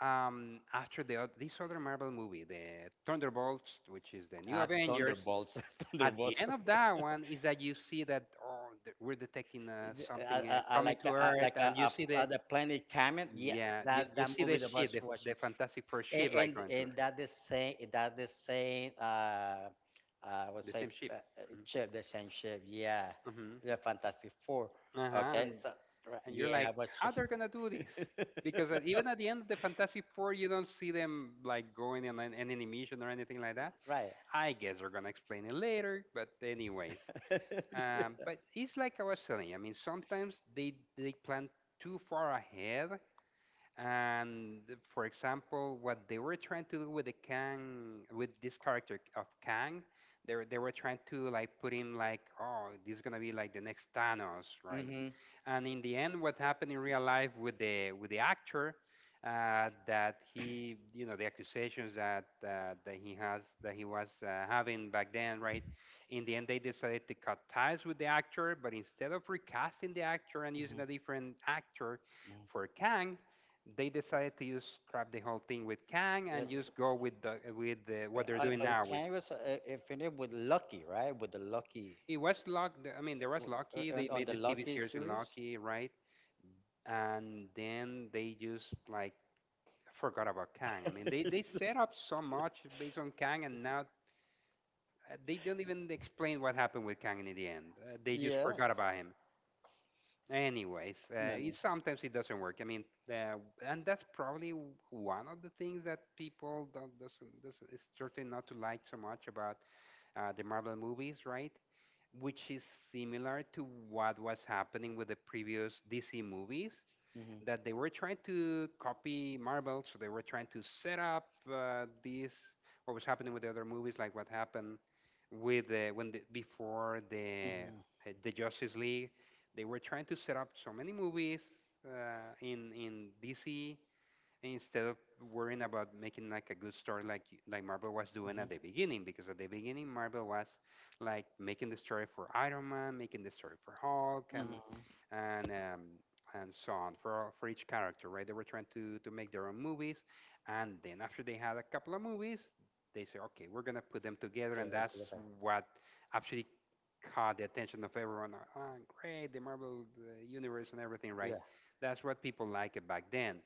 Speaker 1: after the this other Marvel movie, the Thunderbolts, which is the new Avengers,
Speaker 2: Thunderbolts.
Speaker 1: at the
Speaker 2: Thunderbolts.
Speaker 1: end of that one is that you see that oh, we're detecting something
Speaker 2: I
Speaker 1: coming
Speaker 2: like
Speaker 1: to Earth,
Speaker 2: like
Speaker 1: and you see
Speaker 2: a
Speaker 1: the
Speaker 2: the planet Kamen. Yeah,
Speaker 1: yeah,
Speaker 2: that,
Speaker 1: you
Speaker 2: that
Speaker 1: see the
Speaker 2: movie that
Speaker 1: ship,
Speaker 2: was watched.
Speaker 1: the Fantastic Four ship, like
Speaker 2: And
Speaker 1: going to Earth,
Speaker 2: that is saying, that is saying what's
Speaker 1: the
Speaker 2: say
Speaker 1: same ship.
Speaker 2: chip, the same chip, yeah,
Speaker 1: Mm-hmm.
Speaker 2: the Fantastic Four.
Speaker 1: Uh-huh.
Speaker 2: Okay,
Speaker 1: And
Speaker 2: so right,
Speaker 1: and you're like,
Speaker 2: yeah, what's
Speaker 1: how they're gonna do this? Because at, even at the end of the Fantastic Four, you don't see them like going on an any mission or anything like that.
Speaker 2: right
Speaker 1: I guess they're gonna explain it later, but anyways. But it's like I was saying. I mean, sometimes they plan too far ahead, and for example, what they were trying to do with the Kang, with this character of Kang, they were trying to like put him like, oh, this is gonna be like the next Thanos, right?
Speaker 2: mm-hmm,
Speaker 1: And in the end, what happened in real life with the actor, that he, you know, the accusations that that he has that he was having back then, right? In the end, they decided to cut ties with the actor, but instead of recasting the actor and
Speaker 2: mm-hmm.
Speaker 1: using a different actor for Kang, they decided to just scrap the whole thing with Kang
Speaker 2: Yeah,
Speaker 1: and just go with the what they're doing
Speaker 2: but the
Speaker 1: now. With
Speaker 2: Kanye was finished with Lucky, right, with the Lucky,
Speaker 1: it was luck. I mean, there was
Speaker 2: w-
Speaker 1: Lucky. They
Speaker 2: and on
Speaker 1: made
Speaker 2: the
Speaker 1: the TV
Speaker 2: Lucky
Speaker 1: series in
Speaker 2: series.
Speaker 1: Lucky, right? And then they just like forgot about Kang. I mean, they set up so much based on Kang, and now they don't even explain what happened with Kang in the end. They just
Speaker 2: Yeah.
Speaker 1: forgot about him. Anyways, it,
Speaker 2: Mm-hmm.
Speaker 1: sometimes it doesn't work. I mean, and that's probably one of the things that people don't doesn't is certainly not to like so much about the Marvel movies, right? Which is similar to what was happening with the previous DC movies
Speaker 2: Mm-hmm.
Speaker 1: that they were trying to copy Marvel, so they were trying to set up this what was happening with the other movies, like what happened with when the, before the Justice League, they were trying to set up so many movies in DC instead of worrying about making like a good story like like Marvel was doing at the
Speaker 2: Mm-hmm.
Speaker 1: beginning, because at the beginning Marvel was like making the story for Iron Man, making the story for Hulk and
Speaker 2: Mm-hmm.
Speaker 1: and and so on for for each character, right? They were trying to make their own movies, and then after they had a couple of movies, they say, "Okay, we're going to put them together." And
Speaker 2: They're
Speaker 1: that's
Speaker 2: together.
Speaker 1: what actually caught the attention of everyone. Oh, great, the Marvel universe and everything, right?
Speaker 2: Yeah.
Speaker 1: That's what people liked back then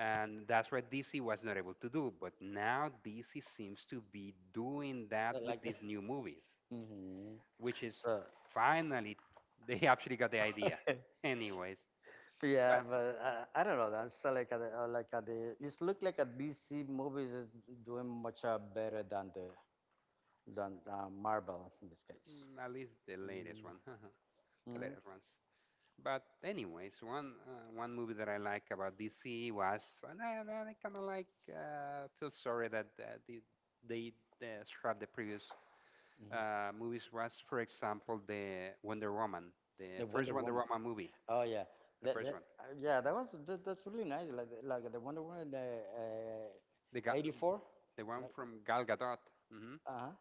Speaker 1: and that's what DC was not able to do. But now DC seems to be doing that
Speaker 2: They're
Speaker 1: with
Speaker 2: like it.
Speaker 1: these new movies,
Speaker 2: Mm-hmm.
Speaker 1: which is
Speaker 2: So.
Speaker 1: finally, they actually got the idea. Anyways,
Speaker 2: Yeah,
Speaker 1: but
Speaker 2: but I don't know. I'm still like the it's look like a DC movies is doing much better than the, than Marvel in this case.
Speaker 1: Mm, at least the latest
Speaker 2: Mm,
Speaker 1: one, the
Speaker 2: mm,
Speaker 1: latest ones. But anyways, one one movie that I like about DC was, and I kind of like feel sorry that the, they scrapped the previous
Speaker 2: mm.
Speaker 1: movies was, for example, the Wonder Woman, the
Speaker 2: The
Speaker 1: first
Speaker 2: Wonder
Speaker 1: Wonder
Speaker 2: Woman.
Speaker 1: Woman movie,
Speaker 2: Oh yeah,
Speaker 1: the
Speaker 2: that,
Speaker 1: first
Speaker 2: that
Speaker 1: one,
Speaker 2: yeah, that was that, that's really nice. Like the Wonder Woman, the
Speaker 1: the
Speaker 2: uh, 84.
Speaker 1: The one
Speaker 2: Like
Speaker 1: from Gal Gadot, hmm,
Speaker 2: uh huh.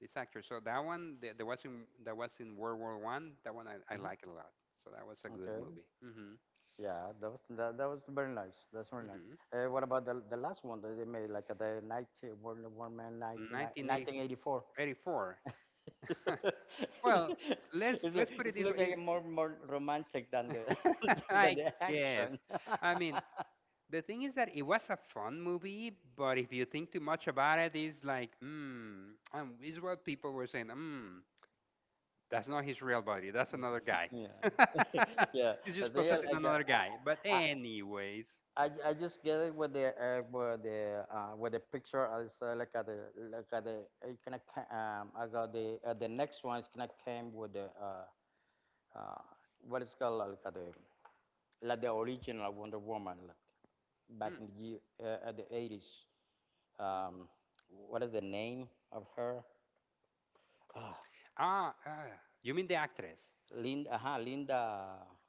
Speaker 1: this actor. So that one, the was in that was in World War One. That one I
Speaker 2: hmm
Speaker 1: like a lot. So that was a good
Speaker 2: Okay.
Speaker 1: movie. Hmm
Speaker 2: Yeah, that was that, that was very nice. That's very nice.
Speaker 1: hmm.
Speaker 2: What about the last one that they made, like the 19, World War Man 19, 1984?
Speaker 1: 1984. Well, let's
Speaker 2: it's,
Speaker 1: let's put it
Speaker 2: it's
Speaker 1: this
Speaker 2: look
Speaker 1: way.
Speaker 2: like a more, more romantic than the than
Speaker 1: I
Speaker 2: the
Speaker 1: guess.
Speaker 2: action.
Speaker 1: I mean, the thing is that it was a fun movie, but if you think too much about it, it's like, hmm, is what people were saying, hmm, that's not his real body. That's another guy.
Speaker 2: Yeah. Yeah.
Speaker 1: He's
Speaker 2: I
Speaker 1: just
Speaker 2: think
Speaker 1: possessing
Speaker 2: like
Speaker 1: another guy. But
Speaker 2: I
Speaker 1: anyways,
Speaker 2: just get it with the with the with the picture is like at the, like at the, it kinda, I got the next one is kinda came with the uh, what is called like the original Wonder Woman, like
Speaker 1: mm,
Speaker 2: back
Speaker 1: mm,
Speaker 2: in the year at the 80s. Um, what is the name of her? Ah,
Speaker 1: ah, ah, you mean the actress,
Speaker 2: Linda, Linda,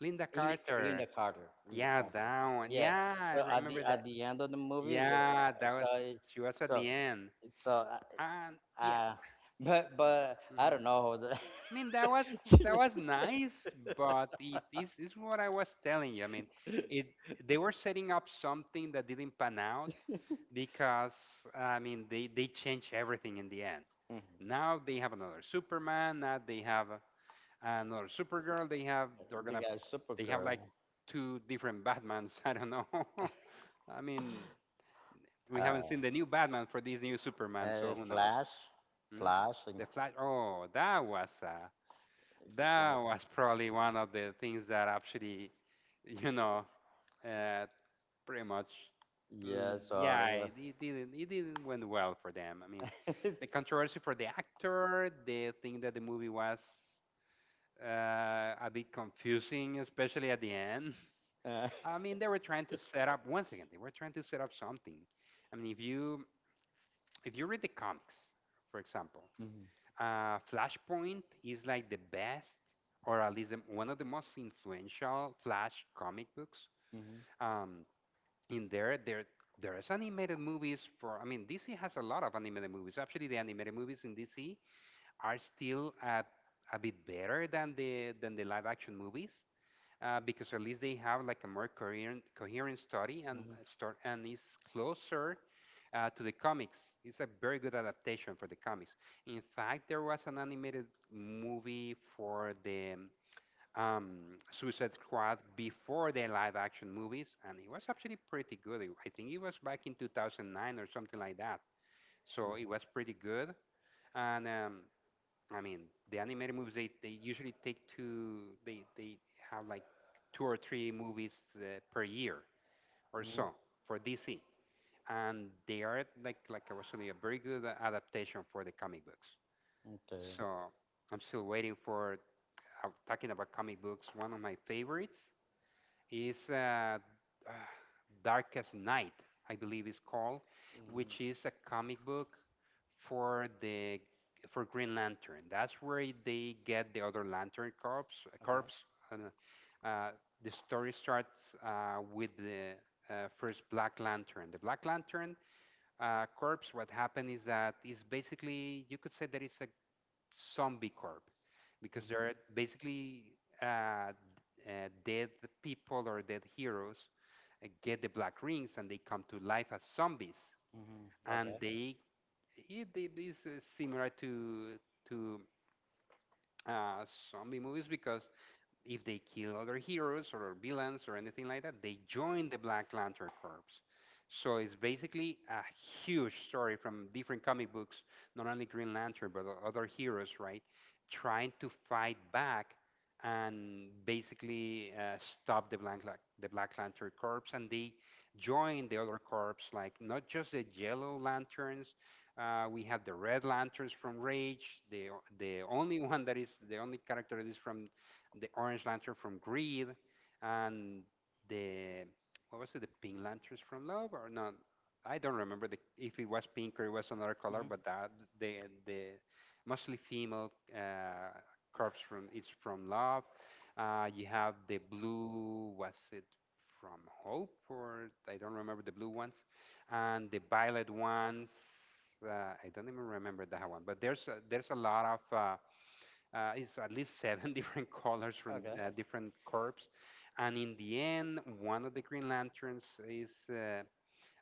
Speaker 1: Linda
Speaker 2: Linda,
Speaker 1: Carter?
Speaker 2: Linda Carter. Linda
Speaker 1: Yeah,
Speaker 2: Carter.
Speaker 1: that one.
Speaker 2: Yeah.
Speaker 1: Yeah, I
Speaker 2: So at the,
Speaker 1: remember
Speaker 2: at
Speaker 1: that.
Speaker 2: the end of the movie,
Speaker 1: Yeah, that
Speaker 2: so
Speaker 1: was she was at
Speaker 2: so
Speaker 1: the end,
Speaker 2: so
Speaker 1: and yeah,
Speaker 2: uh, but
Speaker 1: hmm,
Speaker 2: I don't know.
Speaker 1: I mean that
Speaker 2: She-
Speaker 1: was nice, but it is what I was telling you. I mean, it they were setting up something that didn't pan out, because I mean they changed everything in the end.
Speaker 2: Mhm.
Speaker 1: Now they have another Superman. Now they have another Supergirl. They have they're
Speaker 2: They
Speaker 1: gonna
Speaker 2: got
Speaker 1: they have
Speaker 2: Supergirl,
Speaker 1: like two different Batmans. I don't know. I mean, we haven't
Speaker 2: uh,
Speaker 1: seen the new Batman for this new Superman, so who knows?
Speaker 2: Flash,
Speaker 1: Hmm?
Speaker 2: And
Speaker 1: The Flash. Oh, that was a that
Speaker 2: yeah.
Speaker 1: was probably one of the things that actually, you know, uh, pretty much,
Speaker 2: Yes,
Speaker 1: yeah, it didn't went well for them. I mean,
Speaker 2: yes.
Speaker 1: the controversy for the actor, the thing that the movie was uh, a bit confusing, especially at the end.
Speaker 2: Uh,
Speaker 1: I mean, they were trying to set up once again. They were trying to set up something. I mean, if you read the comics, for example,
Speaker 2: mhm,
Speaker 1: Flashpoint is like the best, or at least one of the most influential Flash comic books.
Speaker 2: mhm,
Speaker 1: Um, in there, there's animated movies for. I mean, DC has a lot of animated movies. Actually, the animated movies in DC are still a bit better than the live action movies because at least they have like a more coherent, coherent story and
Speaker 2: mhm,
Speaker 1: start and is closer to the comics. It's a very good adaptation for the comics. In fact, there was an animated movie for the Suicide Squad before the live action movies, and it was actually pretty good. It- I think it was back in 2009 or something like that. So it
Speaker 2: mhm,
Speaker 1: was pretty good. And I mean, the animated movies they usually take two. They have like two or three movies per year or
Speaker 2: mhm.
Speaker 1: so for DC, and they are like I was saying, a very good adaptation for the comic books.
Speaker 2: Okay.
Speaker 1: So I'm still waiting for. Talking about comic books, one of my favorites is Darkest Night, I believe it's called, which
Speaker 2: Mhm,
Speaker 1: is a comic book for the for Green Lantern. That's where they get the other Lantern Corps. uh,
Speaker 2: okay.
Speaker 1: Corps. And, uh, the story starts with the first Black Lantern. The Black Lantern Corps. What happened is that it's basically you could say that it's a zombie corp because
Speaker 2: Mhm,
Speaker 1: they're basically uh, dead people or dead heroes get the black rings and they come to life as zombies
Speaker 2: mhm,
Speaker 1: and
Speaker 2: okay.
Speaker 1: they it is similar to to uh, zombie movies because if they kill other heroes or villains or anything like that, they join the Black Lantern Corps. So it's basically a huge story from different comic books, not only Green Lantern but o- other heroes, right? Trying to fight back and basically stop the Black Lan- the Black Lantern Corps, and they join the other corps, like not just the Yellow Lanterns. We have the Red Lanterns from Rage, the o- the only one that is the only character that is from the Orange Lantern from Greed, and the what was it? The Pink Lanterns from Love, or no? I don't remember if it was pink or it was another color,
Speaker 2: Mhm,
Speaker 1: but that the the mostly female corpse from it's from Love. You have the blue. Was it? From Hope, or I don't remember the blue ones, and the violet ones. I don't even remember that one, but there's a lot of it's at least seven different colors from
Speaker 2: okay.
Speaker 1: different corps, and in the end, one of the Green Lanterns is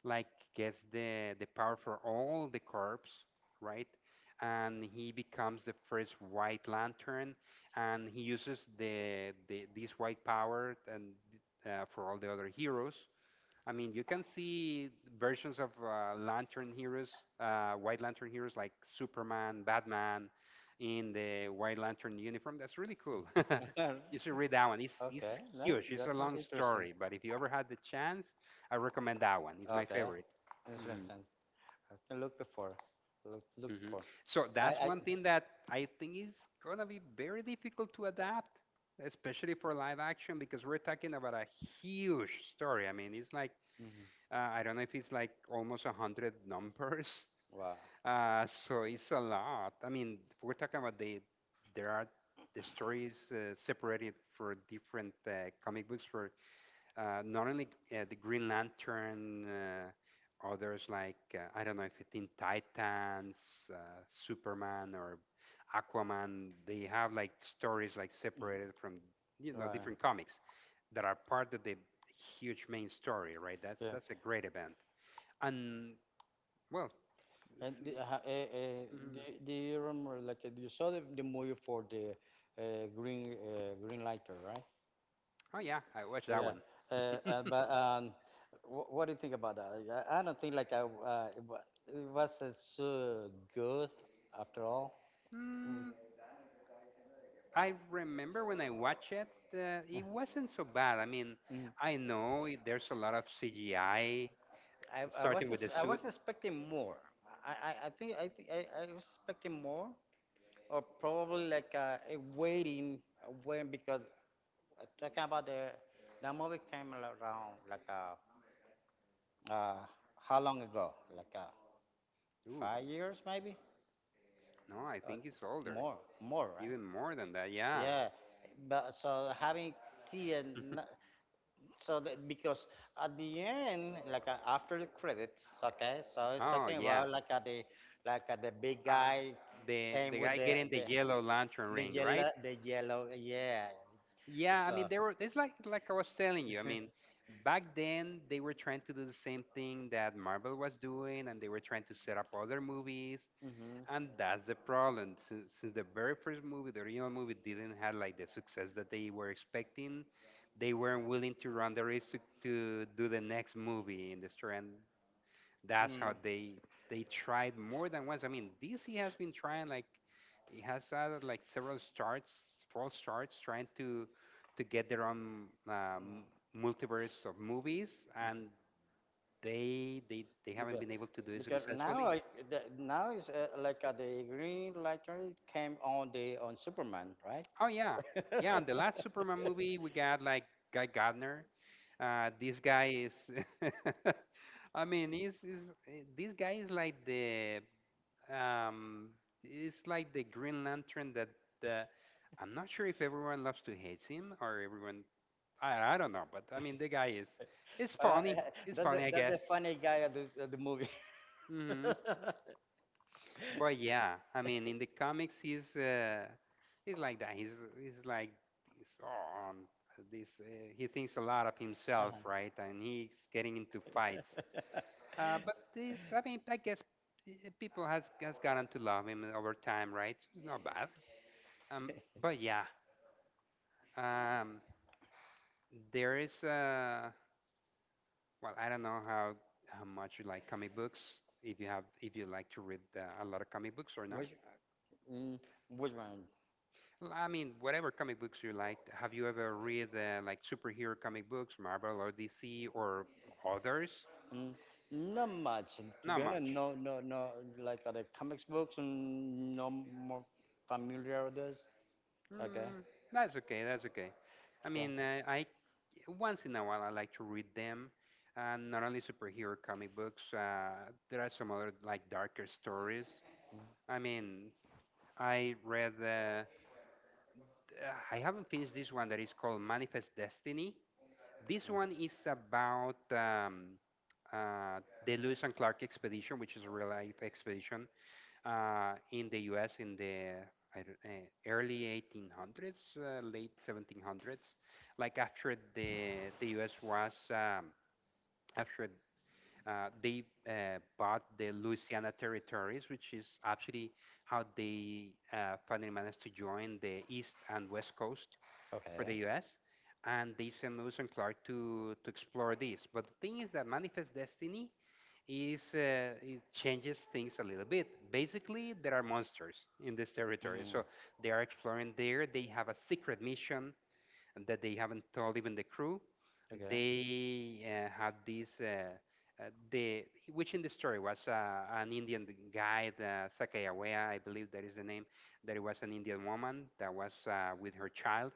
Speaker 1: like gets the power for all the corps, right? And he becomes the first White Lantern, and he uses the this white power and for all the other heroes. I mean, you can see versions of Lantern heroes, White Lantern heroes like Superman, Batman, in the White Lantern uniform. That's really cool. You should read that one. It's
Speaker 2: Okay. That,
Speaker 1: huge. It's a
Speaker 2: that's not
Speaker 1: long
Speaker 2: interesting.
Speaker 1: story, but if you ever had the chance, I recommend that one. It's my
Speaker 2: Okay.
Speaker 1: favorite. Hmm,
Speaker 2: Interesting. I can look before. Look, look
Speaker 1: hmm.
Speaker 2: for.
Speaker 1: So that's
Speaker 2: I.
Speaker 1: one thing that I think is gonna be very difficult to adapt, especially for live action, because we're talking about a huge story. I mean, it's like
Speaker 2: Mhm.
Speaker 1: I don't know if it's like almost a hundred numbers.
Speaker 2: Wow.
Speaker 1: So it's a lot. I mean, we're talking about there are the stories separated for different comic books for not only the Green Lantern, others like I don't know if it's in Titans, Superman or Aquaman. They have like stories like separated from you know different
Speaker 2: Right.
Speaker 1: comics that are part of the huge main story, right? That's a great event. And well, s-
Speaker 2: And the- ha- eh, eh,
Speaker 1: mhm.
Speaker 2: do, do you remember, like, you saw the movie for the Green Green Lantern, right?
Speaker 1: Oh yeah, I watched that
Speaker 2: Yeah.
Speaker 1: one.
Speaker 2: Uh, but what do you think about that? I don't think like it, it was so good after all. Mm,
Speaker 1: Mm, I remember when I watched it, it wasn't so bad. I mean,
Speaker 2: mm.
Speaker 1: I know it- there's a lot of CGI,
Speaker 2: I was
Speaker 1: starting with the
Speaker 2: I was
Speaker 1: suit.
Speaker 2: expecting more. I, I think I was expecting more, or probably like waiting, waiting, because talking about the, that movie came around like Uh, how long ago? Like
Speaker 1: Ooh,
Speaker 2: 5 years, maybe?
Speaker 1: no, I
Speaker 2: Uh,
Speaker 1: think it's older,
Speaker 2: more, more, right?
Speaker 1: even more than that. Yeah.
Speaker 2: Yeah. But so having seen, so that, because at the end, like after the credits, okay. So it's
Speaker 1: Oh
Speaker 2: talking
Speaker 1: yeah.
Speaker 2: about like the, like the big
Speaker 1: Uh,
Speaker 2: guy
Speaker 1: the
Speaker 2: came
Speaker 1: the
Speaker 2: with
Speaker 1: guy
Speaker 2: the,
Speaker 1: getting the yellow lantern ring, right?
Speaker 2: yellow, the yellow, yeah.
Speaker 1: Yeah, I
Speaker 2: So.
Speaker 1: mean, they were. It's like I was telling you. I mean, back then they were trying to do the same thing that Marvel was doing, and they were trying to set up other movies,
Speaker 2: Mhm.
Speaker 1: and that's the problem. Since the very first movie, the original movie, didn't have like the success that they were expecting, they weren't willing to run the risk to do the next movie in the story, that's
Speaker 2: Mm. Mm.
Speaker 1: how they tried more than once. I mean, DC has been trying like it has had like several starts, false starts, trying to get their own multiverse of movies, and they haven't
Speaker 2: Because
Speaker 1: been able to do it
Speaker 2: because now
Speaker 1: successfully.
Speaker 2: I the, now is like the green lantern came on the, on Superman, right?
Speaker 1: Oh yeah, yeah. And the last Superman movie, we got like Guy Gardner. This guy is, I mean, this guy is like the um, it's like the Green Lantern that uh, I'm not sure if everyone loves to hate him or everyone. I don't know, but I mean the guy is it's
Speaker 2: Uh,
Speaker 1: funny. It's
Speaker 2: that's
Speaker 1: funny,
Speaker 2: the,
Speaker 1: I
Speaker 2: that's
Speaker 1: guess.
Speaker 2: the funny guy at the, at the movie.
Speaker 1: Hmm. But
Speaker 2: Yeah.
Speaker 1: yeah, I mean in the comics he's like that. He's like he's on this. He thinks a lot of himself,
Speaker 2: Uh-huh.
Speaker 1: right? And he's getting into fights. But this, I mean, I guess people has gotten to love him over time, right? So it's not bad. Um, but yeah, um, there is well, I don't know how much you like comic books. If you have, if you like to read a lot of comic books or not.
Speaker 2: Which mm, which one?
Speaker 1: L- I mean, whatever comic books you like. Have you ever read like superhero comic books, Marvel or DC or others?
Speaker 2: Mm, not much, to
Speaker 1: Not
Speaker 2: be honest.
Speaker 1: much.
Speaker 2: No, no, no. Like the comics books, mm, no more familiar with this. Okay,
Speaker 1: Mm, that's okay. That's okay. I
Speaker 2: okay,
Speaker 1: mean, I once in a while I like to read them. And not only superhero comic books. There are some other like darker stories.
Speaker 2: mm, mm,
Speaker 1: I mean, I read the. I haven't finished this one that is called Manifest Destiny. This one is about uh, the Lewis and Clark expedition, which is a real life expedition in the US in the I don't- eh, early 1800s, late 1700s, like after the US was, after they bought the Louisiana territories, which is actually how they finally managed to join the East and West Coast for the
Speaker 2: okay.
Speaker 1: U.S. And they sent Lewis and Clark to explore this. But the thing is that Manifest Destiny is it changes things a little bit. Basically, there are monsters in this territory,
Speaker 2: Mm-hmm.
Speaker 1: so they are exploring there. They have a secret mission that they haven't told even the crew.
Speaker 2: Okay.
Speaker 1: They had this uh, the which in the story was an Indian guy, the Sakayawea, I believe that is the name. That it was an Indian woman that was with her child.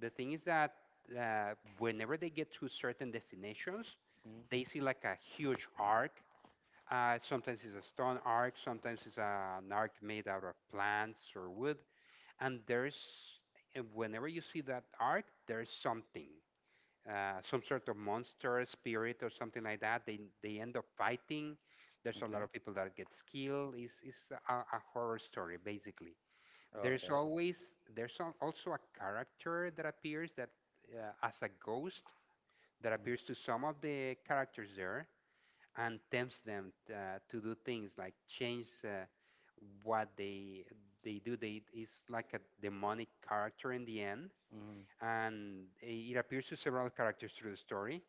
Speaker 1: The thing is that whenever they get to certain destinations,
Speaker 2: Mm-hmm.
Speaker 1: they see like a huge arc. Sometimes it's a stone arc, sometimes it's an arc made out of plants or wood, and there's and whenever you see that arc there's something some sort of monster spirit or something like that they end up fighting there's a lot
Speaker 2: Okay.
Speaker 1: of people that gets killed it's a horror story basically
Speaker 2: Oh,
Speaker 1: there's
Speaker 2: okay.
Speaker 1: always also a character that appears that as a ghost that appears to some of the characters there and tempts them to do things like change what they do. They it's like a demonic character in the end,
Speaker 2: Mm-hmm.
Speaker 1: and it appears to several characters through the story,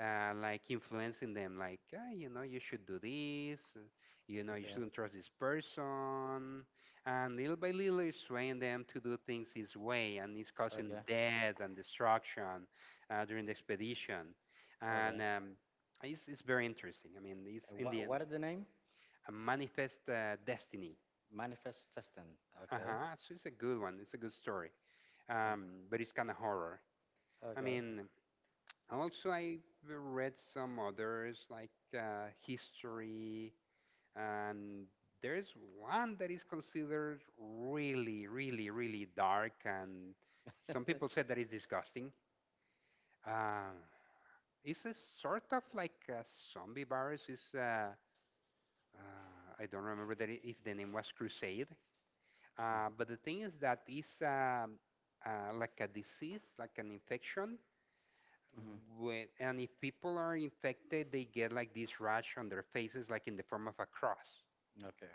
Speaker 1: like influencing them, like, ah, you know, you should do this, you know, you
Speaker 2: Okay.
Speaker 1: shouldn't trust this person. And little by little, it's swaying them to do things his way, and it's causing
Speaker 2: Okay.
Speaker 1: death and destruction during the expedition.
Speaker 2: Okay.
Speaker 1: And it's very interesting. I mean, it's
Speaker 2: And
Speaker 1: in the
Speaker 2: what
Speaker 1: end
Speaker 2: what is the name?
Speaker 1: a manifest destiny.
Speaker 2: Manifest system.
Speaker 1: Uh
Speaker 2: Okay.
Speaker 1: huh. So it's a good one. It's a good story.
Speaker 2: Mm.
Speaker 1: But it's kind of horror. I
Speaker 2: Okay.
Speaker 1: mean, also, I read some others like history, and there's one that is considered really, really, really dark, and some people said that it's disgusting. Uh, it's a sort of like a zombie virus. I don't remember if the name was Crusade, but the thing is that it's like a disease, like an infection
Speaker 2: Mm-hmm.
Speaker 1: with, and if people are infected, they get like this rash on their faces, like in the form of a cross.
Speaker 2: Okay.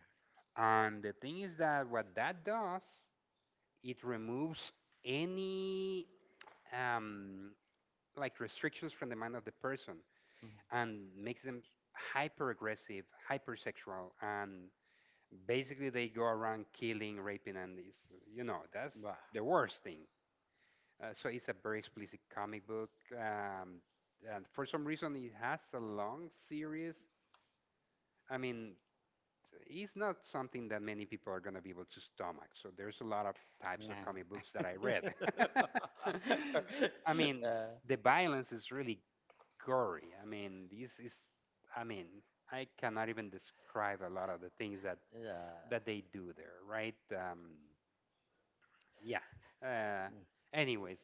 Speaker 1: And the thing is that what that does, it removes any um, like restrictions from the mind of the person
Speaker 2: Mm.
Speaker 1: and makes them hyper aggressive, hypersexual, and basically they go around killing, raping, and this. You know, that's
Speaker 2: Wow.
Speaker 1: the worst thing. So it's a very explicit comic book. And for some reason, it has a long series. I mean, it's not something that many people are going to be able to stomach. So there's a lot of types of comic books that I
Speaker 2: Yeah.
Speaker 1: read. I mean,
Speaker 2: Uh,
Speaker 1: the violence is really gory. I mean, I mean, I cannot even describe a lot of the things that
Speaker 2: yeah.
Speaker 1: they do there, right? Yeah. Uh, anyways,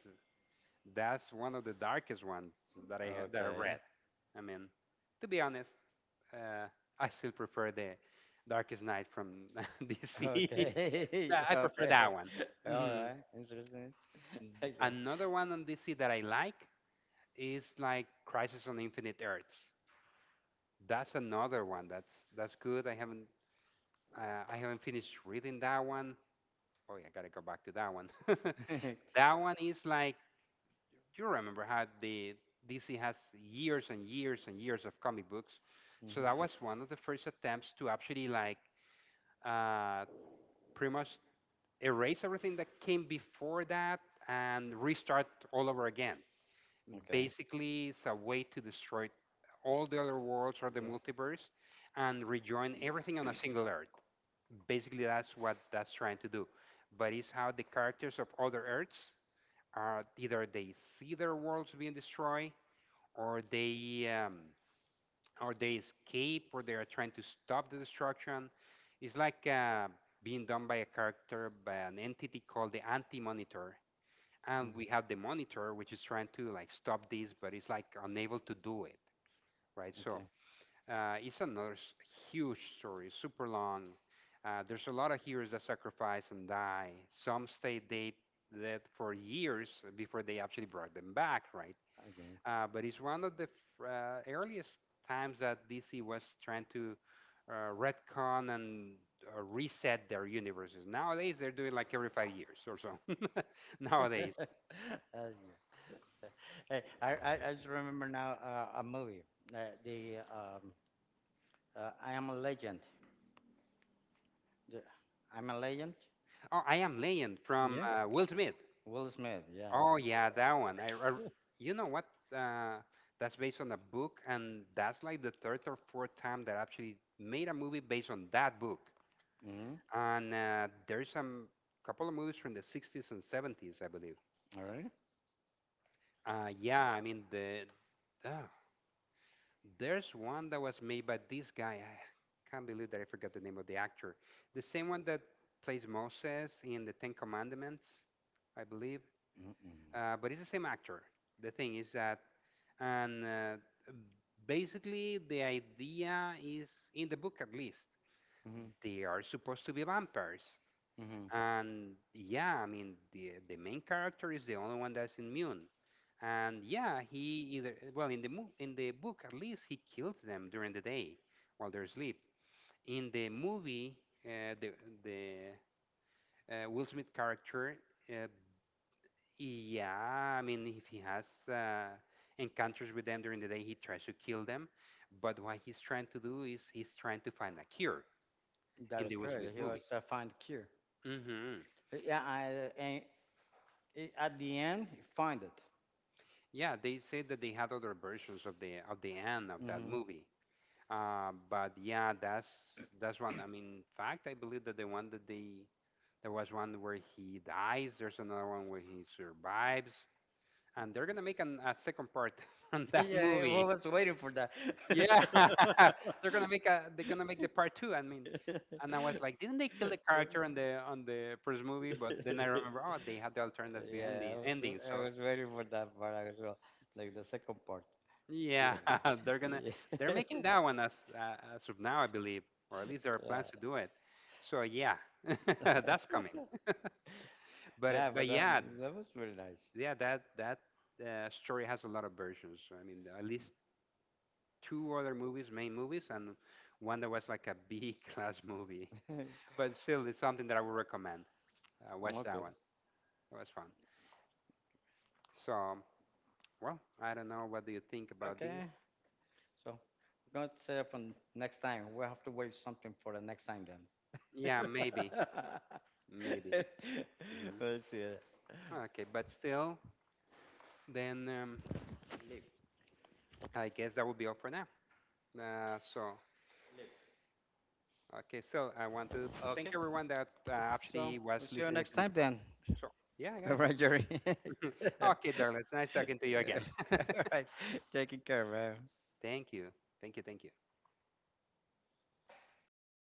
Speaker 1: That's one of the darkest ones that
Speaker 2: Mm.
Speaker 1: I read.
Speaker 2: Okay.
Speaker 1: I mean, to be honest, uh, I still prefer the Darkest Night from
Speaker 2: Okay.
Speaker 1: DC.
Speaker 2: Okay.
Speaker 1: Nah, I prefer that one.
Speaker 2: All
Speaker 1: Mhm.
Speaker 2: right. Interesting. I guess.
Speaker 1: Another one on DC that I like is like Crisis on Infinite Earths. That's another one. That's good. I haven't finished reading that one. Oh, yeah, I gotta go back to that one.
Speaker 2: hmm
Speaker 1: That one is like, you remember how the DC has years and years and years of comic books. So that was one of the first attempts to actually like uh, pretty much erase everything that came before that and restart all over again.
Speaker 2: Okay.
Speaker 1: Basically, it's a way to destroy all the other worlds or the
Speaker 2: Yeah.
Speaker 1: multiverse and rejoin everything on a single Earth. Basically, that's what that's trying to do. But it's how the characters of other Earths are, either they see their worlds being destroyed or they escape, or they are trying to stop the destruction. It's like being done by a character, by an entity called the Anti-Monitor, and
Speaker 2: Mm.
Speaker 1: we have the Monitor which is trying to like stop this, but it's like unable to do it, right?
Speaker 2: Okay.
Speaker 1: So
Speaker 2: Okay.
Speaker 1: it's huge story, super long. There's a lot of heroes that sacrifice and die. Some stay dead for years before they actually brought them back, right? But it's one of the earliest times that DC was trying to retcon and reset their universes. Nowadays, they're doing like every 5 years or so.
Speaker 2: That's
Speaker 1: Nowadays.
Speaker 2: good. Hey, I just remember now a movie. Uh, the I Am a Legend. The, I'm a Legend.
Speaker 1: Oh, I Am Legend from Will Smith.
Speaker 2: Will Smith, yeah.
Speaker 1: Oh, yeah, that one. You know what? Uh, that's based on a book, and that's like the third or fourth time that I actually made a movie based on that book.
Speaker 2: Mm-hmm.
Speaker 1: And there's some couple of movies from the 60s and 70s, I believe.
Speaker 2: All right.
Speaker 1: Yeah, I mean uh, there's one that was made by this guy. I can't believe that I forgot the name of the actor. The same one that plays Moses in the Ten Commandments, I believe. But it's the same
Speaker 2: Mm-mm.
Speaker 1: actor. The thing is that, and basically the idea is, in the book at least,
Speaker 2: Mm-hmm.
Speaker 1: they are supposed to be vampires,
Speaker 2: Mm-hmm.
Speaker 1: and yeah, I mean the main character is the only one that's immune. And yeah, he either, well, in the book at least, he kills them during the day while they're asleep. In the movie, uh, the the Will Smith character, uh, yeah, I mean if he has uh, encounters with them during the day, he tries to kill them. But what he's trying to do is he's trying to find a cure
Speaker 2: That
Speaker 1: in
Speaker 2: is
Speaker 1: the Will
Speaker 2: correct.
Speaker 1: Smith
Speaker 2: He was
Speaker 1: movie.
Speaker 2: find cure.
Speaker 1: Hmm.
Speaker 2: Yeah, I and it, at the end he find it.
Speaker 1: Yeah, they said that they had other versions of the end of that
Speaker 2: Mm-hmm.
Speaker 1: movie. But yeah, that's one. I mean, in fact, I believe that there was one where he dies. There's another one where he survives, and they're gonna make a second part on that
Speaker 2: Yeah, I
Speaker 1: movie.
Speaker 2: was waiting for that.
Speaker 1: Yeah, they're gonna make a they're gonna make the part two. I mean, and I was like, didn't they kill the character on the first movie? But then I remember, oh, they had the alternative
Speaker 2: Yeah,
Speaker 1: ending.
Speaker 2: I
Speaker 1: So
Speaker 2: was waiting for that part as well, like the second part.
Speaker 1: yeah, they're gonna
Speaker 2: Yeah.
Speaker 1: they're making that one as of now, I believe, or at least there are
Speaker 2: Yeah.
Speaker 1: plans to do it. So yeah, that's coming.
Speaker 2: Yeah.
Speaker 1: But it-
Speaker 2: Yeah, but
Speaker 1: but
Speaker 2: that,
Speaker 1: yeah,
Speaker 2: that was really nice.
Speaker 1: yeah, that story has a lot of versions. So, I mean, at least two other movies, main movies, and one that was like a B class movie. But still, it's something that I would recommend. Watch that
Speaker 2: Okay.
Speaker 1: one. It was fun. So well, I don't know. What do you think about these?
Speaker 2: Okay. So we're going to save for next time. We'll have to wait something for the next time then.
Speaker 1: Yeah, maybe, maybe. Hmm.
Speaker 2: Let's see it.
Speaker 1: Okay, but still. Then I guess that would be all for now. Uh, so, okay, so I want to thank
Speaker 2: Okay.
Speaker 1: everyone that
Speaker 2: So
Speaker 1: actually was
Speaker 2: we'll see you
Speaker 1: listening
Speaker 2: next
Speaker 1: to this
Speaker 2: time then.
Speaker 1: podcast. So, yeah,
Speaker 2: All
Speaker 1: guys.
Speaker 2: right, Jerry. All
Speaker 1: Okay, Douglas, nice talking to you again.
Speaker 2: right. Taking care, man.
Speaker 1: Thank you. Thank you. Thank you.